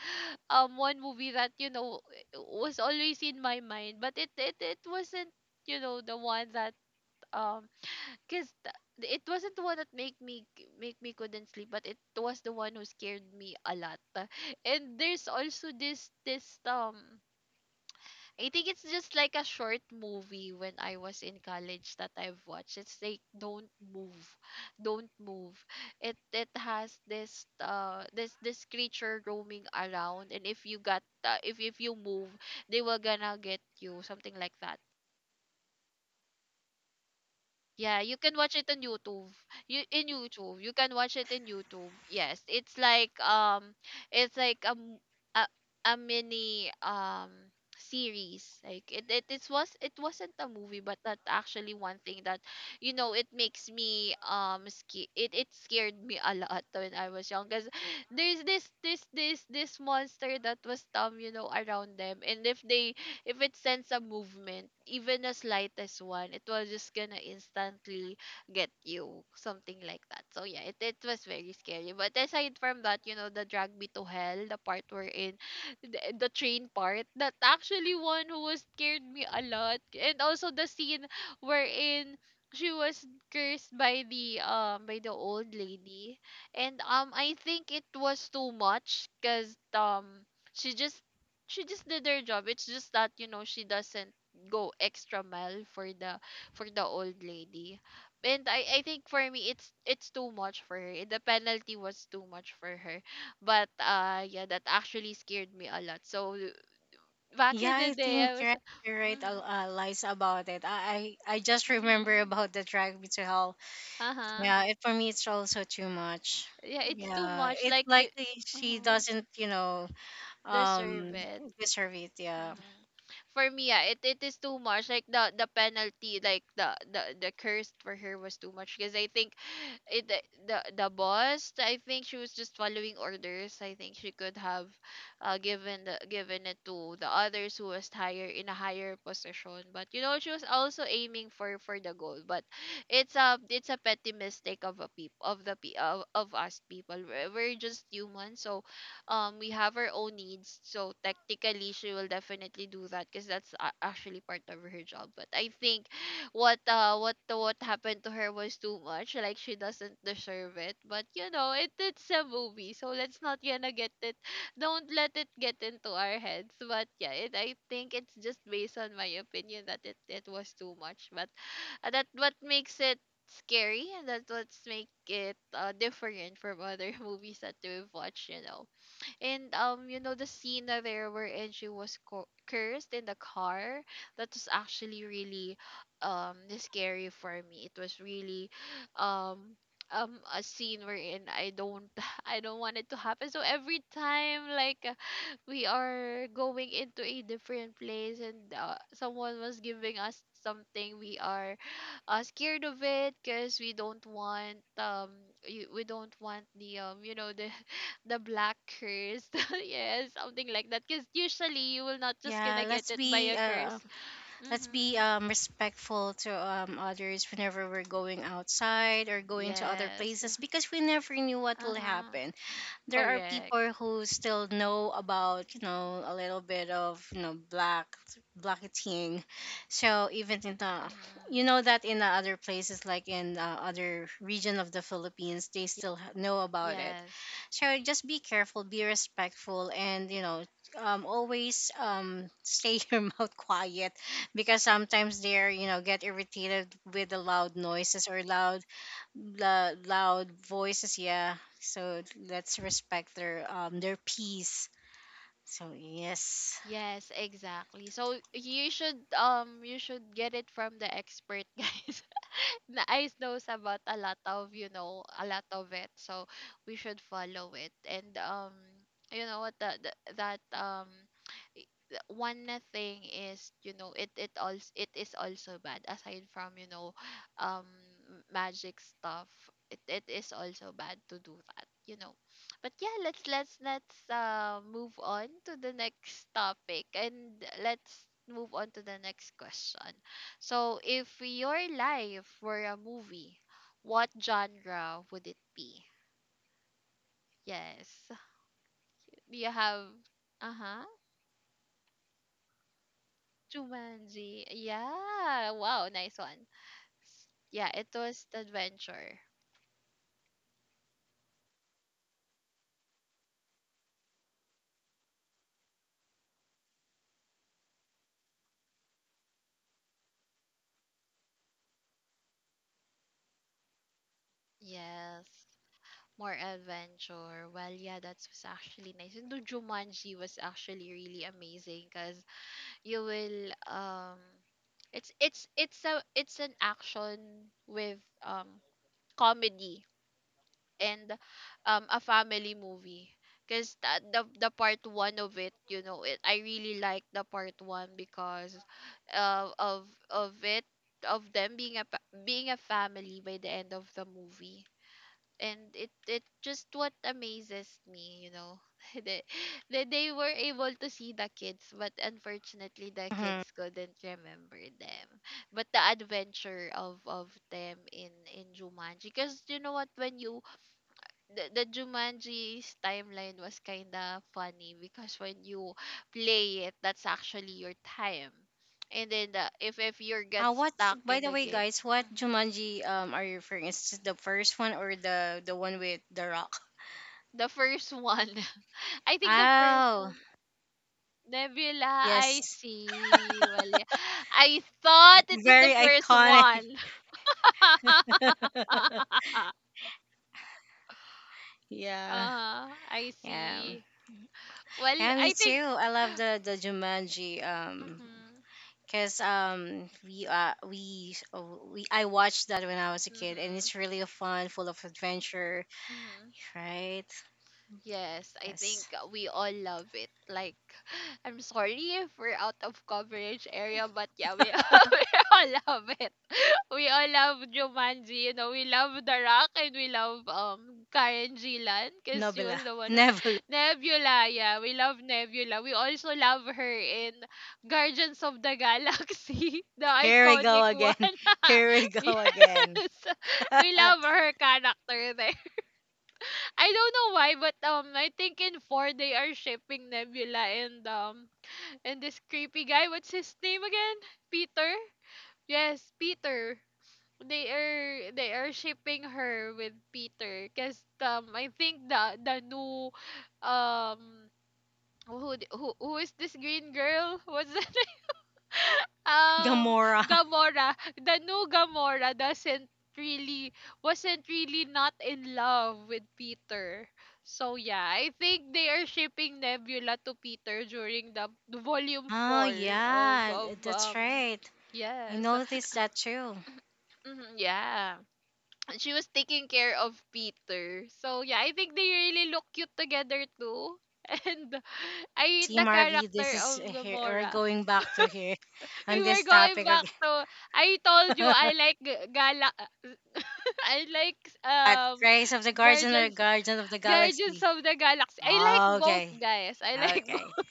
Speaker 1: one movie that you know was always in my mind but it wasn't you know the one that um Cause it wasn't the one that make me couldn't sleep, but it was the one who scared me a lot. [LAUGHS] And there's also this I think it's just like a short movie when I was in college that I've watched. It's like Don't Move, Don't Move. It has this this creature roaming around, and if you got if you move, they were gonna get you something like that. Yeah, you can watch it on YouTube. You can watch it in YouTube. Yes, it's like a, a mini series. Like it was it wasn't a movie, but that actually one thing that you know it makes me it scared me a lot when I was young because there's this monster that was you know around them, and if it sends a movement, even the slightest one, it was just gonna instantly get you, something like that. So yeah, it was very scary. But aside from that, you know, the drag me to hell, the part we're in, the train part, that actually one who was scared me a lot. And also the scene wherein she was cursed by the old lady and I think it was too much because she just she just did her job. It's just that you know she doesn't go extra mile for the old lady. And I think for me it's too much for her. The penalty was too much for her. But yeah, that actually scared me a lot. So back in
Speaker 2: Yeah,
Speaker 1: the
Speaker 2: I
Speaker 1: day
Speaker 2: think,
Speaker 1: I was
Speaker 2: right,
Speaker 1: like,
Speaker 2: you're right.
Speaker 1: mm-hmm,
Speaker 2: Lies about it. I just remember
Speaker 1: mm-hmm,
Speaker 2: about the Drag Me to Hell.
Speaker 1: uh-huh.
Speaker 2: Yeah, it for me it's also too much.
Speaker 1: Yeah, it's too
Speaker 2: Yeah,
Speaker 1: much.
Speaker 2: it's
Speaker 1: Like the
Speaker 2: likely she
Speaker 1: uh-huh,
Speaker 2: doesn't, you know,
Speaker 1: deserve
Speaker 2: um
Speaker 1: it.
Speaker 2: deserve it. Yeah.
Speaker 1: Mm-hmm. For me, yeah, it is too much. Like the penalty, like the curse for her was too much. Because I think it the boss. I think she was just following orders. I think she could have, given the given it to the others who was higher in a higher position. But you know, she was also aiming for the goal. But it's a petty mistake of a peop of the pe of us people. We're just human, so we have our own needs, so technically she will definitely do that because that's actually part of her job, but I think what happened to her was too much. Like she doesn't deserve it, but you know it it's a movie, so let's not gonna get it don't let it get into our heads. But yeah, it I think it's just based on my opinion that it was too much. But that what makes it scary and that's what makes it different from other [LAUGHS] movies that we've watched you know. And you know the scene that there wherein she was cursed in the car. That was actually really scary for me. It was really um a scene wherein I don't [LAUGHS] I don't want it to happen. So every time like we are going into a different place and someone was giving us something, we are scared of it because we don't want we don't want the you know the [LAUGHS] the black curse. [LAUGHS] Yes, something like that, because usually you will not just
Speaker 2: Yeah,
Speaker 1: gonna get it by a curse
Speaker 2: let's be
Speaker 1: mm-hmm.
Speaker 2: respectful to others whenever we're going outside or going to other
Speaker 1: yes
Speaker 2: places, because we never knew what will
Speaker 1: uh-huh
Speaker 2: happen. There are
Speaker 1: correct
Speaker 2: people who still know about, you know, a little bit of, you know, black blacketing, so even in the, you
Speaker 1: mm-hmm.
Speaker 2: know, that in the other places, like in other region of the Philippines, they still know about it.
Speaker 1: yes
Speaker 2: So just be careful, be respectful, and, you know, always stay [LAUGHS] your mouth quiet, because sometimes they're, you know, get irritated with the loud noises or loud voices. Yeah, so let's respect their peace. So yes.
Speaker 1: Yes, exactly. So you should get it from the expert. [LAUGHS] Guys, na Ice knows about a lot of, you know, a lot of it. So we should follow it. And you know what that that the one thing is, you know, it also it is also bad aside from, you know, um magic stuff. It is also bad to do that, you know. But yeah, let's move on to the next topic and let's move on to the next question. So, if your life were a movie, what genre would it be? Yes. Do you have, uh huh, Jumanji? Yeah. Wow, nice one. Yeah, it was the adventure. Yes. More adventure. Well, yeah, that was actually nice. And the Jumanji was actually really amazing because you will it's a it's an action with um comedy and a family movie because the part one of it, you know, it I really like the part one because of it, of them being a being a family by the end of the movie. And it just what amazes me, you know, [LAUGHS] they, they were able to see the kids, but unfortunately the
Speaker 2: Hmm.
Speaker 1: kids couldn't remember them. But the adventure of them in Jumanji, because you know what, when you the Jumanji's timeline was kind of funny because when you play it, that's actually your time. And then the, if you get
Speaker 2: What?
Speaker 1: stuck
Speaker 2: By
Speaker 1: in
Speaker 2: the
Speaker 1: the
Speaker 2: way,
Speaker 1: game,
Speaker 2: guys, what
Speaker 1: mhm,
Speaker 2: Jumanji are you referring? Is this the first one or the one with the Rock?
Speaker 1: the first one, [LAUGHS] I think the first
Speaker 2: Oh
Speaker 1: one, Nebula, I
Speaker 2: yes,
Speaker 1: see. Well, yeah. I thought it was the
Speaker 2: very
Speaker 1: first
Speaker 2: iconic.
Speaker 1: one.
Speaker 2: [LAUGHS]
Speaker 1: [LAUGHS]
Speaker 2: Yeah.
Speaker 1: I
Speaker 2: Yeah.
Speaker 1: see. Well,
Speaker 2: Yeah, me
Speaker 1: I think.
Speaker 2: too. I love the Jumanji,
Speaker 1: Mm-hmm,
Speaker 2: because we oh, we I watched that when I was a kid, and
Speaker 1: mm-hmm,
Speaker 2: it's really fun, full of adventure,
Speaker 1: mm-hmm.
Speaker 2: right?
Speaker 1: Yes, I
Speaker 2: Yes.
Speaker 1: think we all love it. Like, [SIGHS] I'm sorry if we're out of coverage area, but yeah, we, [LAUGHS] we all love it. We all love Jumanji, you know, we love The Rock and we love Karen Gillan because she was
Speaker 2: Nobela.
Speaker 1: the one
Speaker 2: [LAUGHS]
Speaker 1: who...
Speaker 2: Nebula.
Speaker 1: [SIGHS] Nebula, yeah, we love Nebula. We also love her in Guardians of the Galaxy, [LAUGHS] the
Speaker 2: Here we go
Speaker 1: iconic one.
Speaker 2: again. [LAUGHS] Here we go
Speaker 1: [LAUGHS]
Speaker 2: again.
Speaker 1: Yes, we love
Speaker 2: [LAUGHS]
Speaker 1: her character there. I don't know why, but I think in four they are shipping Nebula and this creepy guy. What's his name again? Peter. Yes, Peter. They are shipping her with Peter, cause I think the new um who d- who is this green girl? What's [LAUGHS] um
Speaker 2: Gamora.
Speaker 1: Gamora, the new Gamora doesn't really wasn't really not in love with Peter. So yeah, I think they are shipping Nebula to Peter during the volume
Speaker 2: Oh
Speaker 1: 4 of
Speaker 2: yeah, that's right. I
Speaker 1: yes.
Speaker 2: noticed that too.
Speaker 1: Mhm, yeah. And she was taking care of Peter. So yeah, I think they really look cute together too. [LAUGHS] And I hate
Speaker 2: See,
Speaker 1: the
Speaker 2: Marvy,
Speaker 1: character
Speaker 2: this is
Speaker 1: of
Speaker 2: here. We're
Speaker 1: Gamora.
Speaker 2: going back to here [LAUGHS]
Speaker 1: We
Speaker 2: on
Speaker 1: were
Speaker 2: this
Speaker 1: going
Speaker 2: topic
Speaker 1: back to, I told you
Speaker 2: again.
Speaker 1: I
Speaker 2: [LAUGHS]
Speaker 1: like gala, [LAUGHS] I like
Speaker 2: What? Rise of the Guardian or
Speaker 1: Guardians,
Speaker 2: Guardian of the Galaxy?
Speaker 1: Of the Galaxy. I
Speaker 2: Oh,
Speaker 1: like both
Speaker 2: okay.
Speaker 1: guys. I like [LAUGHS]
Speaker 2: Okay.
Speaker 1: both.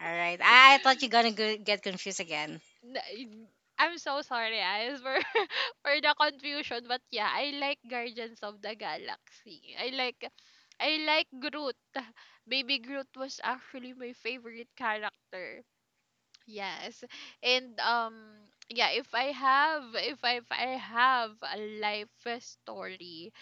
Speaker 2: All right. I thought you're gonna get confused again.
Speaker 1: N- I'm so sorry guys for [LAUGHS] for the confusion, but yeah, I like Guardians of the Galaxy. I like Groot. Baby Groot was actually my favorite character. Yes. And yeah, if I have a life story,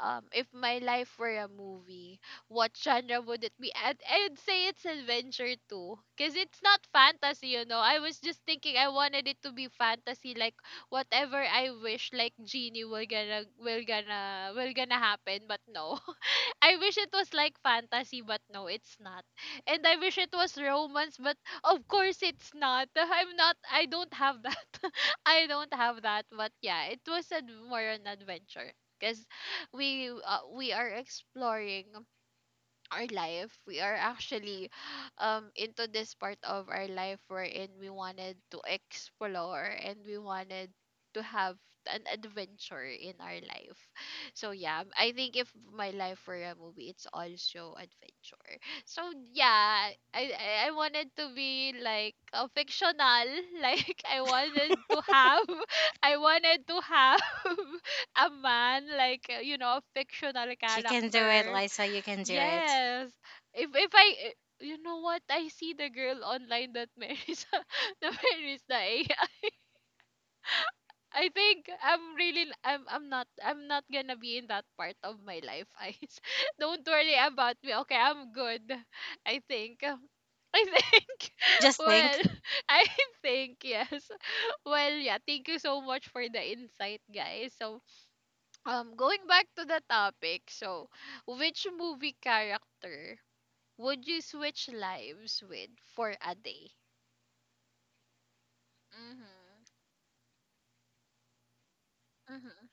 Speaker 1: if my life were a movie, what genre would it be? And I'd say it's adventure too. Cause it's not fantasy, you know. I was just thinking I wanted it to be fantasy, like whatever I wish, like genie will gonna happen, but no. [LAUGHS] I wish it was like fantasy, but no, it's not. And I wish it was romance, but of course it's not. [LAUGHS] I don't have that. [LAUGHS] I don't have that, but yeah, it was a, more an adventure because we are exploring our life. We are actually into this part of our life wherein we wanted to explore and we wanted to have an adventure in our life. So yeah, I think if my life were a movie, it's also adventure. So yeah, I wanted to be like a fictional [LAUGHS] like I wanted to have [LAUGHS] I wanted to have [LAUGHS] a man, like, you know, a fictional
Speaker 2: You can do it,
Speaker 1: character.
Speaker 2: Lisa. You can do it.
Speaker 1: Yes. If I, you know what, I see the girl online that marries [LAUGHS] the AI. [LAUGHS] I think I'm really I'm not, gonna be in that part of my life, guys. [LAUGHS] Don't worry about me. Okay, I'm good. I think. I think [LAUGHS]
Speaker 2: Just think.
Speaker 1: well,
Speaker 2: [LAUGHS]
Speaker 1: [LAUGHS] I think, yes. Well, yeah, thank you so much for the insight, guys. So, going back to the topic. So, which movie character would you switch lives with for a day? Mhm. Mhm.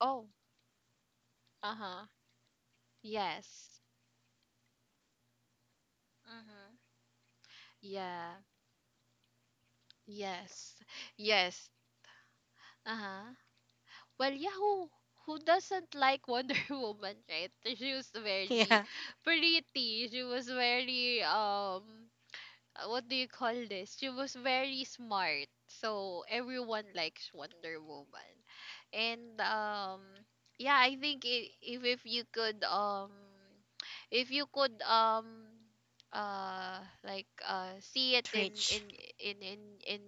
Speaker 1: Oh, uh huh. Yes. Mhm. Yeah. Yes. Yes. Uh huh. Well, yeah. Who doesn't like Wonder [LAUGHS] Woman, right? She was very
Speaker 2: Yeah.
Speaker 1: pretty. She was very what do you call this? She was very smart. So everyone likes Wonder Woman. And yeah, I think, I- if you could if you could um see it in
Speaker 2: Twitch.
Speaker 1: in in in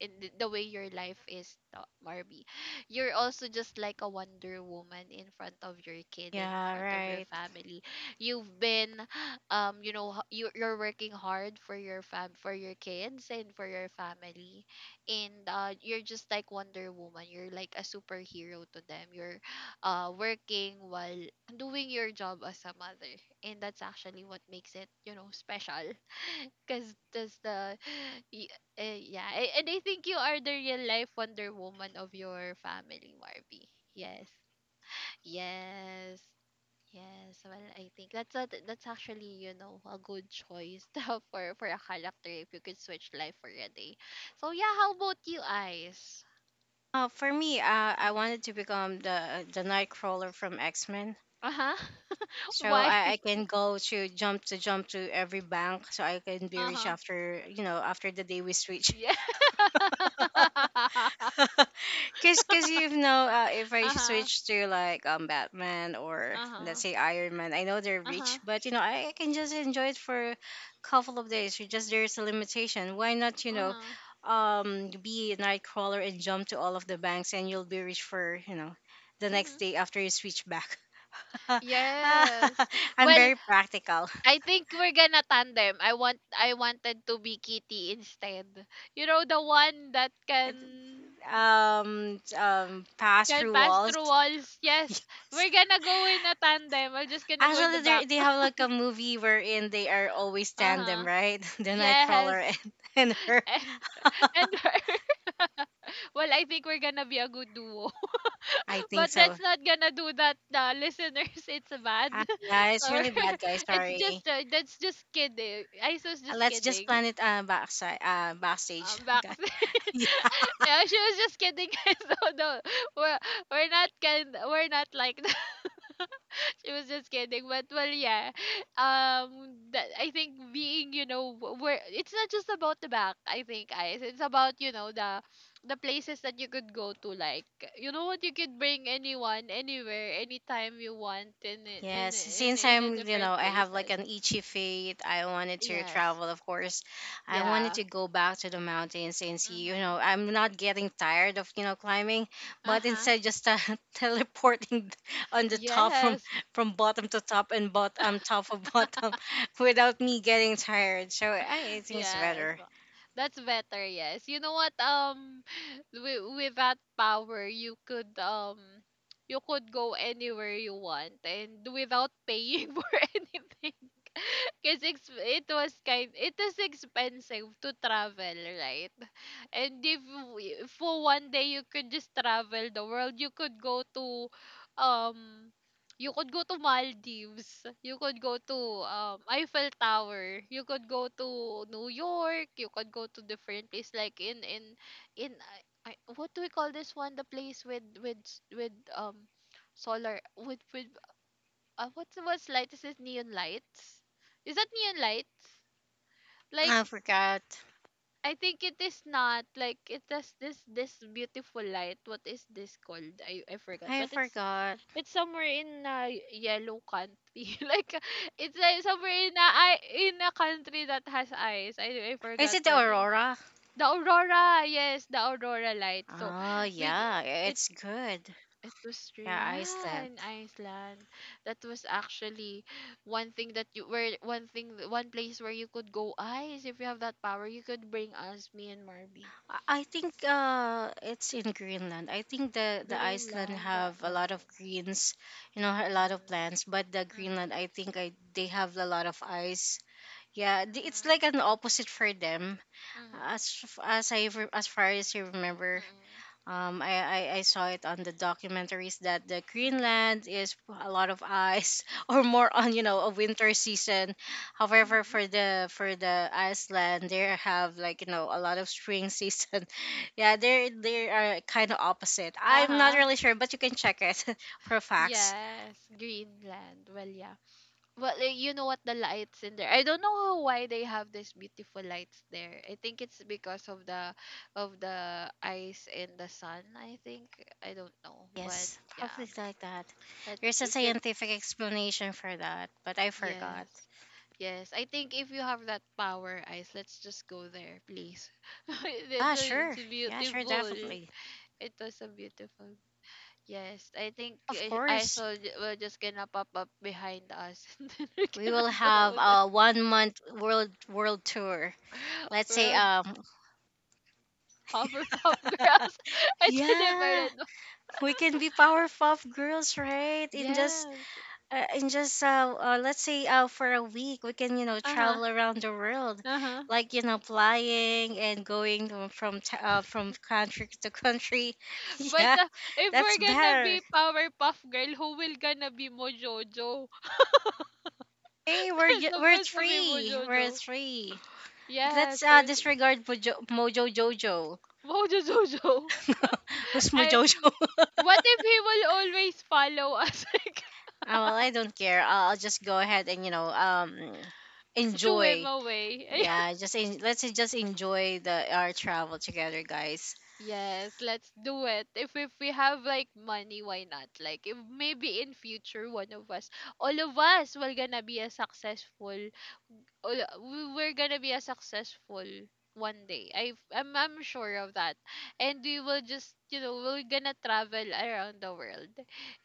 Speaker 1: the way your life is. Marby, you're also just like a Wonder Woman in front of your kid and in
Speaker 2: Yeah,
Speaker 1: front of your
Speaker 2: right.
Speaker 1: family. You've been, you know, you're working hard for your fam for your kids and for your family, and you're just like Wonder Woman, you're like a superhero to them. You're working while doing your job as a mother, and that's actually what makes it, you know, special, because that's the [SIGHS] y- yeah, and I think you are the real life Wonder Woman of your family, Marby. Yes, yes. Yes, well, I think that's a, that's actually, you know, a good choice [LAUGHS] for a character if you could switch life for a day. So yeah, how about you, Eyes?
Speaker 2: Oh, for me, I wanted to become the Nightcrawler from X Men,
Speaker 1: Uh huh. [LAUGHS]
Speaker 2: so
Speaker 1: Why?
Speaker 2: I can go to jump to jump to every bank, so I can be
Speaker 1: Uh
Speaker 2: rich
Speaker 1: huh.
Speaker 2: after, you know, after the day we switch.
Speaker 1: Yeah. [LAUGHS]
Speaker 2: [LAUGHS] [LAUGHS] Cause you know, if I
Speaker 1: uh huh.
Speaker 2: switch to like, Batman, or
Speaker 1: Uh
Speaker 2: let's
Speaker 1: huh.
Speaker 2: say Iron Man, I know they're
Speaker 1: Uh huh.
Speaker 2: rich, but you know, I can just enjoy it for a couple of days. You just there's a limitation. Why not, you
Speaker 1: Uh
Speaker 2: know,
Speaker 1: huh.
Speaker 2: be a Nightcrawler and jump to all of the banks, and you'll be rich for, you know, the next
Speaker 1: Mm-hmm.
Speaker 2: day after you switch back. [LAUGHS] Ah,
Speaker 1: Yes.
Speaker 2: [LAUGHS] I'm
Speaker 1: Well,
Speaker 2: very practical.
Speaker 1: I think we're gonna tandem. I wanted to be Kitty instead. You know, the one that can
Speaker 2: Pass
Speaker 1: Can
Speaker 2: through
Speaker 1: pass
Speaker 2: walls.
Speaker 1: through walls.
Speaker 2: [LAUGHS]
Speaker 1: Yes.
Speaker 2: Yes.
Speaker 1: We're gonna go in a tandem. We're just gonna go in the
Speaker 2: Actually,
Speaker 1: back.
Speaker 2: they have like a movie wherein they are always tandem,
Speaker 1: Uh-huh.
Speaker 2: right? [LAUGHS] The Nightcrawler
Speaker 1: Yes.
Speaker 2: and, [LAUGHS] and her.
Speaker 1: And [LAUGHS] and her. [LAUGHS] Well, I think we're gonna be a good duo.
Speaker 2: I
Speaker 1: [LAUGHS]
Speaker 2: think
Speaker 1: But
Speaker 2: so.
Speaker 1: that's not gonna do that, listeners. [LAUGHS] It's bad.
Speaker 2: Ah, yeah,
Speaker 1: [LAUGHS]
Speaker 2: it's
Speaker 1: so
Speaker 2: really
Speaker 1: we're-
Speaker 2: bad, guys.
Speaker 1: [LAUGHS] it's
Speaker 2: Sorry.
Speaker 1: just that's just kidding. I was just
Speaker 2: Let's just
Speaker 1: kidding.
Speaker 2: plan it, backside, backstage, [LAUGHS]
Speaker 1: Back.
Speaker 2: guys.
Speaker 1: [LAUGHS] Yeah, she was just kidding. [LAUGHS] So no, we're, we're not, can we're not like that. It was just kidding, but well, yeah. That I think being, you know, where it's not just about the back. I think guys, it's about, you know, the places that you could go to. Like, you know what, you could bring anyone, anywhere, anytime you want, in
Speaker 2: Yes, since
Speaker 1: a
Speaker 2: I'm, you know,
Speaker 1: different
Speaker 2: I have like
Speaker 1: places.
Speaker 2: an itchy feet, I wanted to
Speaker 1: Yes.
Speaker 2: travel, of course. I wanted
Speaker 1: Yeah.
Speaker 2: to go back to the mountains and see, you know,
Speaker 1: Mm-hmm.
Speaker 2: I'm not getting tired of, you know, climbing,
Speaker 1: Uh
Speaker 2: but
Speaker 1: huh.
Speaker 2: instead just, [LAUGHS] teleporting on the top
Speaker 1: Yes.
Speaker 2: from bottom to top and bottom top of bottom [LAUGHS] without me getting tired. So I think it's
Speaker 1: Yes.
Speaker 2: better.
Speaker 1: That's better, yes. You know what, [SIGHS] with that power you could go anywhere you want and without paying [LAUGHS] for anything. [LAUGHS] Because it was kind, it is expensive to travel, right? And if we- for one day you could just travel the world. You could go to um you could go to Maldives, you could go to Eiffel Tower, you could go to New York, you could go to different place, like in in I, what do we call this one, the place with solar with what's light is it, neon lights? Is that neon lights? Like.
Speaker 2: I forgot.
Speaker 1: I think it is not like, it has this beautiful light. What is this called? I forgot.
Speaker 2: I
Speaker 1: But
Speaker 2: forgot.
Speaker 1: it's somewhere in a yellow country. [LAUGHS] Like it's somewhere in a, in a country that has eyes. I
Speaker 2: Is
Speaker 1: forgot
Speaker 2: it the
Speaker 1: the name.
Speaker 2: Aurora?
Speaker 1: The aurora, yes, the aurora light. So
Speaker 2: Oh,
Speaker 1: we g-
Speaker 2: yeah,
Speaker 1: it
Speaker 2: it's good.
Speaker 1: it was real
Speaker 2: Yeah, Iceland.
Speaker 1: in Iceland. That was actually one thing that you, where one thing, one place where you could go, Eyes, if you have that power. You could bring us, me and Marby,
Speaker 2: I think, it's in Greenland. I think the Iceland
Speaker 1: Greenland,
Speaker 2: have a
Speaker 1: or
Speaker 2: lot of greens, you know, a lot of plants. But the Greenland, I think I they have a lot of ice. Yeah, it's like an opposite for them. As far as I remember, um, I, I saw it on the documentaries that the Greenland is [LAUGHS] a lot of ice, [LAUGHS] or more on, you know, a winter season. However, for the Iceland, they have like, you know, a lot of spring season. [LAUGHS] Yeah, they are kind of opposite. I'm not
Speaker 1: uh-huh.
Speaker 2: really sure, but you can check it [LAUGHS] for facts.
Speaker 1: Yes, Greenland. Well, yeah. Well, like, you know what, the lights in there. I don't know how, why they have these beautiful lights there. I think it's because of the ice and the sun, I think. I don't know, but
Speaker 2: Yes,
Speaker 1: yeah.
Speaker 2: probably like that.
Speaker 1: That
Speaker 2: There's a
Speaker 1: you could,
Speaker 2: scientific explanation for that, but I forgot.
Speaker 1: yes. Yes, I think if you have that power, Ice, let's just go there, please. [LAUGHS]
Speaker 2: Ah,
Speaker 1: It's a,
Speaker 2: sure.
Speaker 1: it's
Speaker 2: Yeah, sure,
Speaker 1: beautiful.
Speaker 2: definitely.
Speaker 1: It was a beautiful. Yes, I think
Speaker 2: Of
Speaker 1: I
Speaker 2: course.
Speaker 1: saw, we're just gonna pop up behind us [LAUGHS] and then we're
Speaker 2: We will
Speaker 1: gonna go
Speaker 2: have
Speaker 1: with the
Speaker 2: a 1 month world tour. Let's say,
Speaker 1: World Hopper Pop Girls. [LAUGHS] Identified
Speaker 2: yeah,
Speaker 1: as one.
Speaker 2: we can be Powerpuff Girls, right? In just
Speaker 1: Yes.
Speaker 2: let's say, uh, for a week we can, you know,
Speaker 1: Uh-huh.
Speaker 2: travel around the world,
Speaker 1: Uh-huh.
Speaker 2: like, you know, flying and going to- from t- from country to country. [LAUGHS]
Speaker 1: But
Speaker 2: yeah,
Speaker 1: if
Speaker 2: that's
Speaker 1: we're gonna
Speaker 2: better.
Speaker 1: be Powerpuff Girl, who will gonna be Mojojo? [LAUGHS]
Speaker 2: Hey,
Speaker 1: It's
Speaker 2: we're
Speaker 1: supposed to be
Speaker 2: three. We're
Speaker 1: Mojojo.
Speaker 2: three.
Speaker 1: Yes,
Speaker 2: Let's, uh,
Speaker 1: certainly.
Speaker 2: disregard Mojo Jojo.
Speaker 1: Mojojojo. [LAUGHS]
Speaker 2: [LAUGHS] Who's
Speaker 1: I
Speaker 2: Mojo?
Speaker 1: what if he will always follow us [LAUGHS] like
Speaker 2: Oh, well, I don't care. I'll just go ahead and, you know,
Speaker 1: shoo him
Speaker 2: enjoy.
Speaker 1: away? [LAUGHS]
Speaker 2: Yeah, let's just enjoy the our travel together, guys.
Speaker 1: Yes, let's do it. If we have like money, why not? Like if maybe in future one of us, all of us will gonna be a successful all, we're gonna be a successful one day. I'm sure of that. And we will just, we're gonna travel around the world,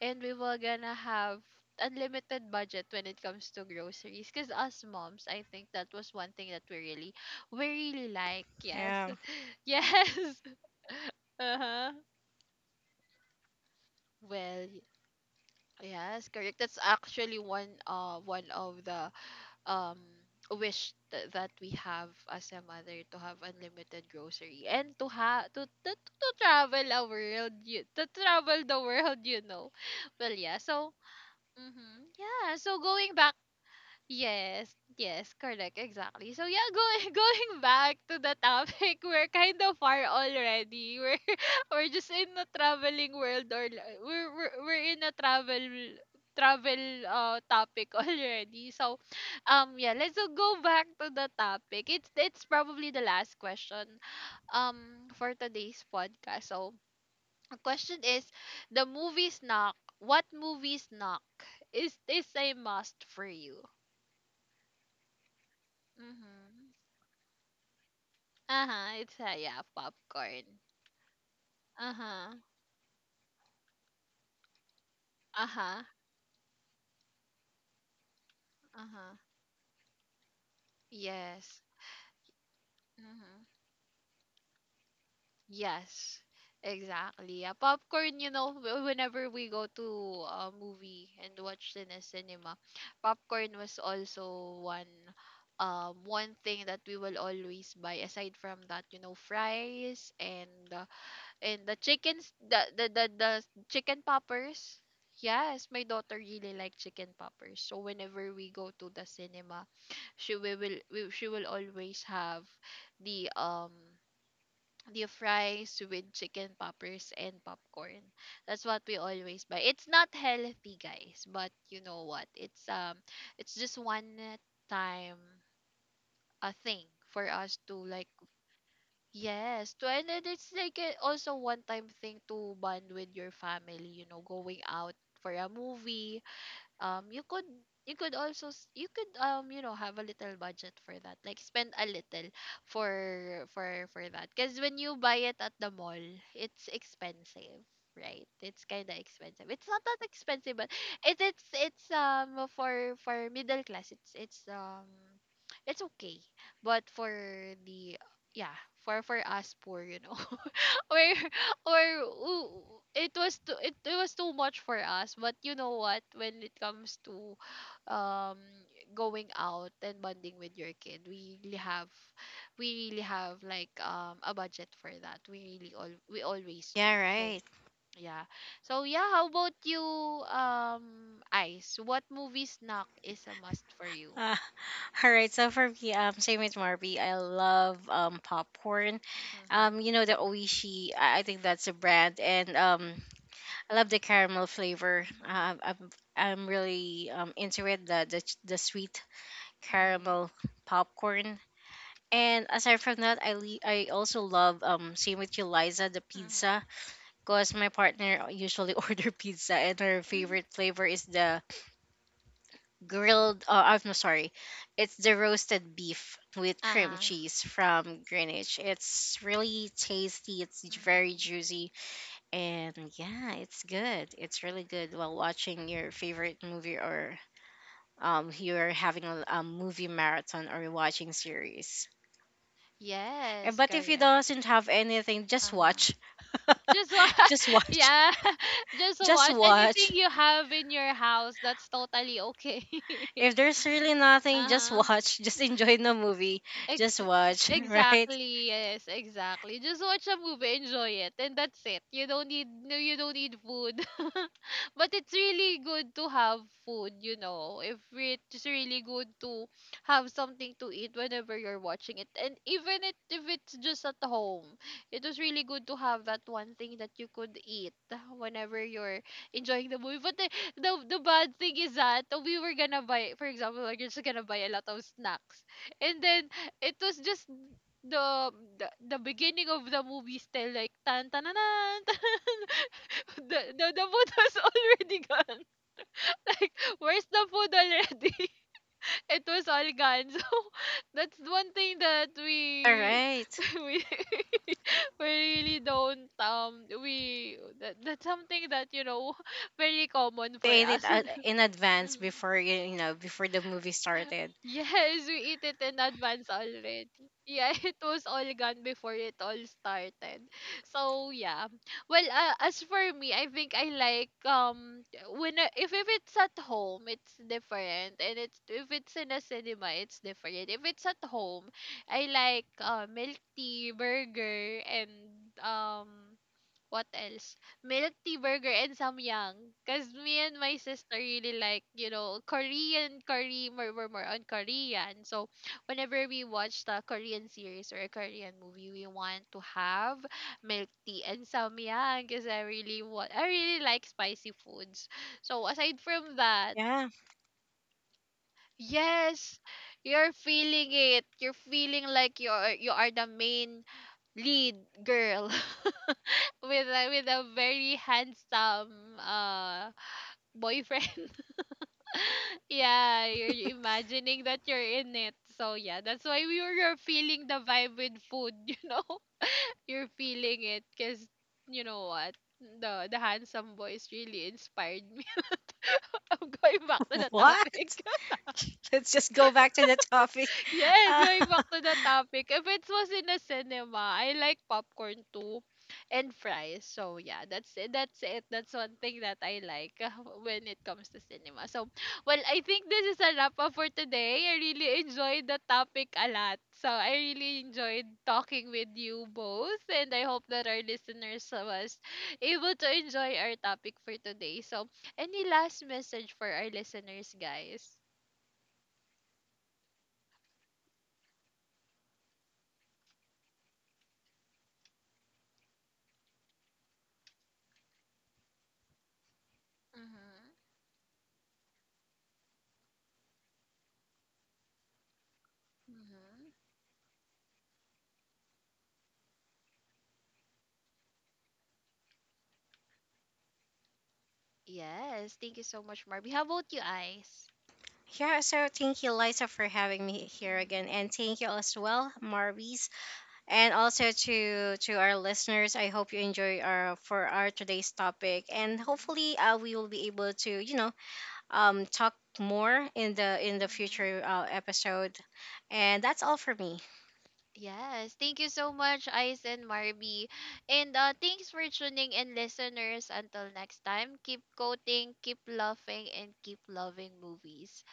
Speaker 1: and we will gonna have unlimited budget when it comes to groceries because us moms, I think that was one thing that we really like. Yes,
Speaker 2: Yeah.
Speaker 1: [LAUGHS] yes, uh-huh. Well, yes, correct. That's actually one of the um wish that we have as a mother: to have unlimited grocery and to travel a world you to travel the world, [LAUGHS] well yeah so mm-hmm, yeah so going back Yes, yes, correct, exactly. So yeah, going [LAUGHS] going back to the topic, [LAUGHS] we're kind of far already. We're [LAUGHS] we're in a travel topic [LAUGHS] already. So, yeah, let's go back to the topic. It's probably the last question, for today's podcast. So, the question is, the movies knock. What movies knock is a must for you? Mm-hmm. Uh-huh, it's a yeah, popcorn. Uh-huh. Uh-huh. Uh-huh. Yes. Mm-hmm. Yes. Exactly. Yeah, popcorn, whenever we go to a movie and watch in a cinema, popcorn was also one thing that we will always buy, aside from that, fries and and the chickens, the chicken poppers. Yes, my daughter really like chicken poppers. So whenever we go to the cinema, she will always have the um the fries with chicken poppers and popcorn. That's what we always buy. It's not healthy, guys, but you know what? It's just one time a thing for us to like. Yes, to, and then it's like a, also one time thing to bond with your family, going out for a movie, you could, you could, you know, have a little budget for that. Like, spend a little for for that, because when you buy it at the mall, it's expensive, right? It's kind of expensive. It's not that expensive, but it's for middle class, it's okay, but for the, yeah, for us poor, or [LAUGHS] or oo- it was too, it was too much for us. But you know what, when it comes to um going out and bonding with your kid, we really have like a budget for that. We really, all we always do.
Speaker 2: Yeah.
Speaker 1: So
Speaker 2: Right.
Speaker 1: yeah. So yeah, how about you, Ice? What movie snack is a must for you?
Speaker 2: Uh, [LAUGHS] all right. So for me, same with Marby. I love, popcorn.
Speaker 1: Mm-hmm,
Speaker 2: You know, the Oishi. I think that's a brand, and I love the caramel flavor.
Speaker 1: mm-hmm,
Speaker 2: I'm really into it. The the sweet caramel popcorn. And aside from that, I also love, same with you, Liza, the
Speaker 1: mm-hmm,
Speaker 2: pizza. Cause my partner usually [LAUGHS] order pizza, and her favorite
Speaker 1: mm-hmm.
Speaker 2: flavor is the grilled. I'm no, sorry, it's the roasted beef with cream
Speaker 1: Uh-huh,
Speaker 2: cheese from Greenwich. It's really tasty. It's very
Speaker 1: mm-hmm.
Speaker 2: juicy, and yeah, it's good. It's really good while watching your favorite movie, or you're having a movie marathon, or watching series. Eh,
Speaker 1: Yes,
Speaker 2: but if you
Speaker 1: correct.
Speaker 2: doesn't have anything, just
Speaker 1: Uh-huh.
Speaker 2: watch.
Speaker 1: Just watch,
Speaker 2: [LAUGHS] just
Speaker 1: [LAUGHS]
Speaker 2: watch.
Speaker 1: yeah. [LAUGHS] Just
Speaker 2: Just
Speaker 1: watch anything
Speaker 2: watch.
Speaker 1: you have in your house. That's totally okay. [LAUGHS]
Speaker 2: If there's really nothing, just
Speaker 1: Uh-huh.
Speaker 2: watch. [LAUGHS] Just enjoy the movie. Just
Speaker 1: Ex-
Speaker 2: watch, [LAUGHS] right?
Speaker 1: exactly. Yes, exactly. Just watch a movie, enjoy it, and that's it. You don't need, no, you don't need food. [LAUGHS] But it's really good to have food, you know. If it's really good to have something to eat whenever you're watching it, and even it if it's just at home, it was really good to have that one thing that you could eat whenever you're enjoying the movie. But the bad thing is that we were gonna buy, for example, we're just gonna buy a lot of snacks. And then it was just the the beginning of the movie, still like tan tan tan tan. [LAUGHS] The food [LAUGHS] was already gone, [LAUGHS] like where's the food already? [LAUGHS] It was all gone. [LAUGHS] So that's one thing that
Speaker 2: All
Speaker 1: we
Speaker 2: right.
Speaker 1: [LAUGHS] we [LAUGHS] we really don't, we that's something that, you know, [LAUGHS] very common for
Speaker 2: Create it
Speaker 1: us. [LAUGHS]
Speaker 2: in advance
Speaker 1: Mhm.
Speaker 2: before you know, before the movie started.
Speaker 1: Yes, we eat it in advance already. Yeah, [LAUGHS] it was all gone before it all started. So yeah. Well, as for me, I think I like, if it's at home, it's different, and it's if it's in a cinema, it's different. If it's at home, I like milk tea, burger, and um. What else? Milk tea, burger, and samyang. Cause me and my sister really like, you know, Korean, more on Korean. So whenever we watch the Korean series or a Korean movie, we want to have milk tea and samyang. Cause I really want, I really like spicy foods. So aside from that,
Speaker 2: Yeah.
Speaker 1: yes, you're feeling it. You're feeling like you are the main lead girl [LAUGHS] with a very handsome uh boyfriend. [LAUGHS] Yeah, you're imagining that you're in it. So yeah, that's why we were you're feeling the vibe with food, [LAUGHS] you know? You're feeling it, cuz you know what? The handsome boys really inspired me. [LAUGHS] I'm going back to the
Speaker 2: [LAUGHS]
Speaker 1: topic.
Speaker 2: What? Let's just go back to the topic.
Speaker 1: Yes,
Speaker 2: Uh,
Speaker 1: going back to the topic. If it was in a cinema, I like popcorn too and fries. So yeah, that's it. That's it. That's one thing that I like, [LAUGHS] when it comes to cinema. So, well, I think this is a wrap up for today. I really enjoyed the topic a lot. So, I really enjoyed talking with you both, and I hope that our listeners was able to enjoy our topic for today. So, any last message for our listeners, guys? Mhm. Mhm. Yes, thank you so much, Marby. How about you, Ice?
Speaker 2: yeah. So thank you, Liza, for having me here again,
Speaker 1: Mm-hmm.
Speaker 2: and thank you as well, Marvis, and also to our listeners. I hope you enjoy our for our today's topic, and
Speaker 1: Mhm.
Speaker 2: hopefully, we will be able to, you know, talk more in the
Speaker 1: Mhm.
Speaker 2: future, episode. And that's all for me.
Speaker 1: Yes, thank you so much, Ice and Marby. And thanks for tuning in, listeners. Until next time, keep quoting, keep laughing, and keep loving movies.